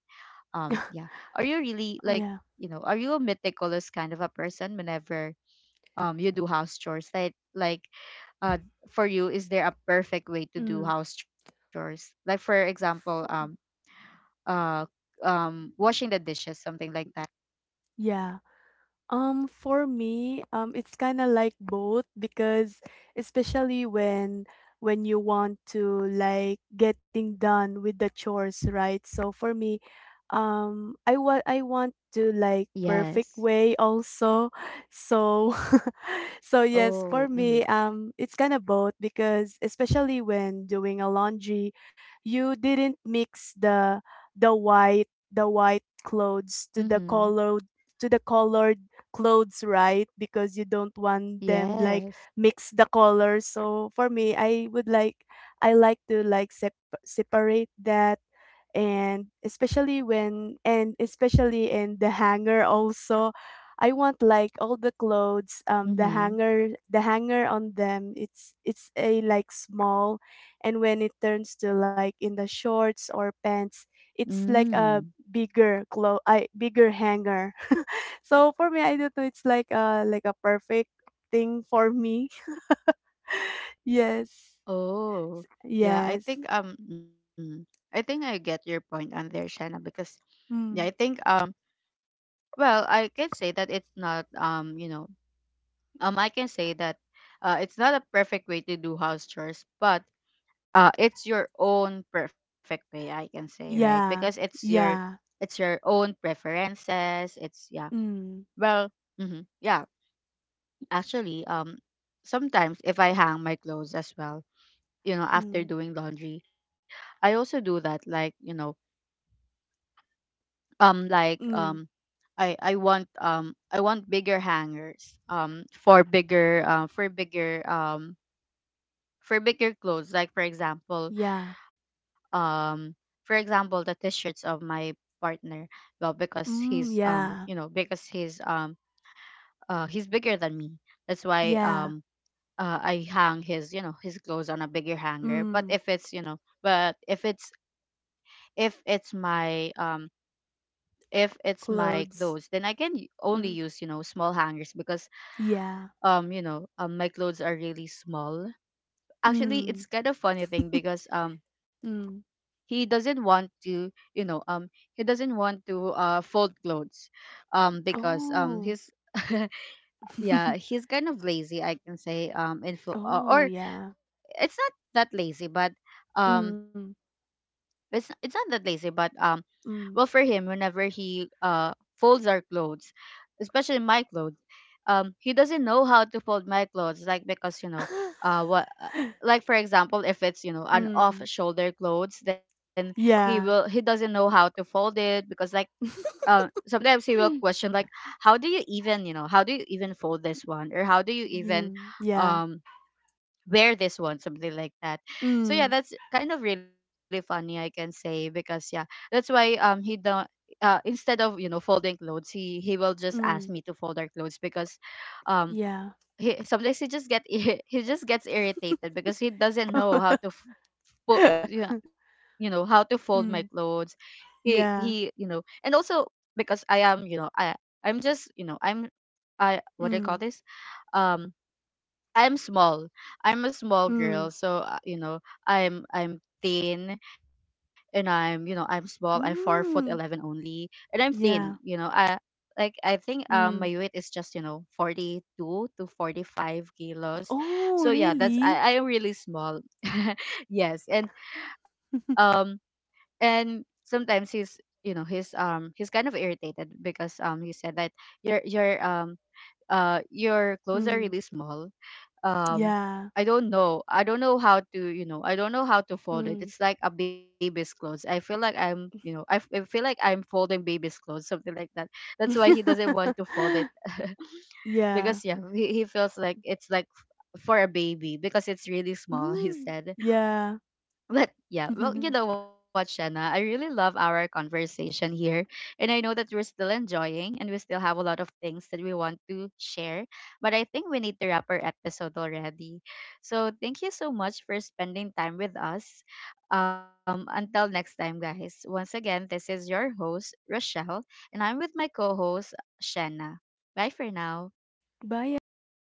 [SPEAKER 1] Yeah, are you really
[SPEAKER 2] yeah.
[SPEAKER 1] like, are you a meticulous kind of a person whenever you do house chores, like uh for you is there a perfect way to do
[SPEAKER 2] Mm.
[SPEAKER 1] house chores, like for example
[SPEAKER 2] F
[SPEAKER 1] uh washing the dishes, something like that?
[SPEAKER 2] Yeah. For me, it's kind of like both, because especially when you want to like getting done with the chores, right? So for me, I want to like
[SPEAKER 1] Yes.
[SPEAKER 2] perfect way also. So so yes,
[SPEAKER 1] Oh,
[SPEAKER 2] for
[SPEAKER 1] mm-hmm.
[SPEAKER 2] me, it's kind of both because, especially when doing a laundry, you didn't mix the, the white clothes to
[SPEAKER 1] Mm-hmm.
[SPEAKER 2] the colored, to the colored clothes, right? Because you don't want them like
[SPEAKER 1] Yes.
[SPEAKER 2] mix the colors. So for me, I would like, I like to like sep- separate that, and especially when, and especially in the hanger also, I want like all the clothes,
[SPEAKER 1] Mm-hmm.
[SPEAKER 2] the hanger on them. It's a like small, and when it turns to like in the shorts or pants, it's like
[SPEAKER 1] Mm.
[SPEAKER 2] a, bigger clo, I bigger hanger. So for me, I don't know, it's like a perfect thing for me. Yes.
[SPEAKER 1] Oh, yeah. I
[SPEAKER 2] Yes.
[SPEAKER 1] think I think I get your point on there, Shanna, because yeah, I
[SPEAKER 2] Mm.
[SPEAKER 1] think well, I can say that it's not, I can say that it's not a perfect way to do house chores, but it's your own perfect way, I can say, right? Because
[SPEAKER 2] Yeah.
[SPEAKER 1] it's your,
[SPEAKER 2] Yeah.
[SPEAKER 1] it's your own preferences. It's, yeah.
[SPEAKER 2] Mm.
[SPEAKER 1] Well, mhm. Yeah, actually, sometimes if I hang my clothes as well, after
[SPEAKER 2] Mm.
[SPEAKER 1] doing laundry, I also do that, like, um like
[SPEAKER 2] Mm.
[SPEAKER 1] um I want, I want bigger hangers, for bigger, for bigger clothes, like for
[SPEAKER 2] Yeah.
[SPEAKER 1] example, um for example the t-shirts of my partner. Well, because
[SPEAKER 2] Mm.
[SPEAKER 1] he's,
[SPEAKER 2] Yeah.
[SPEAKER 1] because he's bigger than me, that's why,
[SPEAKER 2] Yeah.
[SPEAKER 1] I hang his, his clothes on a bigger hanger. But
[SPEAKER 2] Mm.
[SPEAKER 1] if it's, but if it's, if it's my um if it's my clothes,
[SPEAKER 2] Clothes.
[SPEAKER 1] then I can only
[SPEAKER 2] Mm.
[SPEAKER 1] use, small hangers, because
[SPEAKER 2] Yeah.
[SPEAKER 1] my clothes are really small. Actually
[SPEAKER 2] Mm.
[SPEAKER 1] it's kind of funny thing, because
[SPEAKER 2] Mm.
[SPEAKER 1] he doesn't want to, he doesn't want to fold clothes, because
[SPEAKER 2] Oh.
[SPEAKER 1] he's, yeah, he's kind of lazy, I can say,
[SPEAKER 2] Oh
[SPEAKER 1] or
[SPEAKER 2] yeah.
[SPEAKER 1] it's not that lazy, but um
[SPEAKER 2] Mm.
[SPEAKER 1] it's not that lazy, but well, for
[SPEAKER 2] Mm.
[SPEAKER 1] him, whenever he folds our clothes, especially my clothes, he doesn't know how to fold my clothes. Like, because, uh, what, uh, like for example, if it's, an
[SPEAKER 2] Mm.
[SPEAKER 1] off-shoulder clothes, then he will, he
[SPEAKER 2] Yeah.
[SPEAKER 1] doesn't know how to fold it, because like. Sometimes he will question like, how do you even, how do you even fold this one, or how do you even
[SPEAKER 2] Mm. Yeah.
[SPEAKER 1] um wear this one, something like that. So
[SPEAKER 2] Mm.
[SPEAKER 1] yeah, that's kind of really funny, I can say, because yeah, that's why he don't, instead of, folding clothes, he will just ask me
[SPEAKER 2] Mm.
[SPEAKER 1] to fold our clothes, because um
[SPEAKER 2] Yeah.
[SPEAKER 1] he, sometimes he just get, he just gets irritated, because he doesn't know how to yeah, how to fold my
[SPEAKER 2] Mm.
[SPEAKER 1] clothes. He you
[SPEAKER 2] Yeah.
[SPEAKER 1] know, and also because I am, I'm just, I'm, I, what do I call
[SPEAKER 2] Mm.
[SPEAKER 1] this, um. I'm small. I'm a small girl,
[SPEAKER 2] Mm.
[SPEAKER 1] so, I'm thin, and I'm, I'm small. I'm 4 foot 11
[SPEAKER 2] Mm.
[SPEAKER 1] only, and I'm thin.
[SPEAKER 2] Yeah.
[SPEAKER 1] You know, I, like, I think my
[SPEAKER 2] Mm.
[SPEAKER 1] weight is just, 42 to 45 kilos.
[SPEAKER 2] Oh,
[SPEAKER 1] So yeah, that's,
[SPEAKER 2] really?
[SPEAKER 1] I am really small. Yes, um and sometimes he's, he's kind of irritated, because he said that your, your clothes are
[SPEAKER 2] Mm.
[SPEAKER 1] really small. um
[SPEAKER 2] Yeah.
[SPEAKER 1] I don't know. I don't know how to, I don't know how to fold it.
[SPEAKER 2] Mm.
[SPEAKER 1] It's like a baby's clothes. I feel like I'm, I feel like I'm folding baby's clothes, something like that. That's why he doesn't want to fold it.
[SPEAKER 2] Yeah.
[SPEAKER 1] Because yeah, he feels like it's like, for a baby, because it's really small, he
[SPEAKER 2] Mm.
[SPEAKER 1] said.
[SPEAKER 2] Yeah.
[SPEAKER 1] But yeah, well, you know what, Shanna? I really love our conversation here. And I know that we're still enjoying and we still have a lot of things that we want to share. But I think we need to wrap our episode already. So thank you so much for spending time with us. Until next time, guys. Once again, this is your host, Rochelle, and I'm with my co host, Shanna. Bye for now.
[SPEAKER 2] Bye, everyone.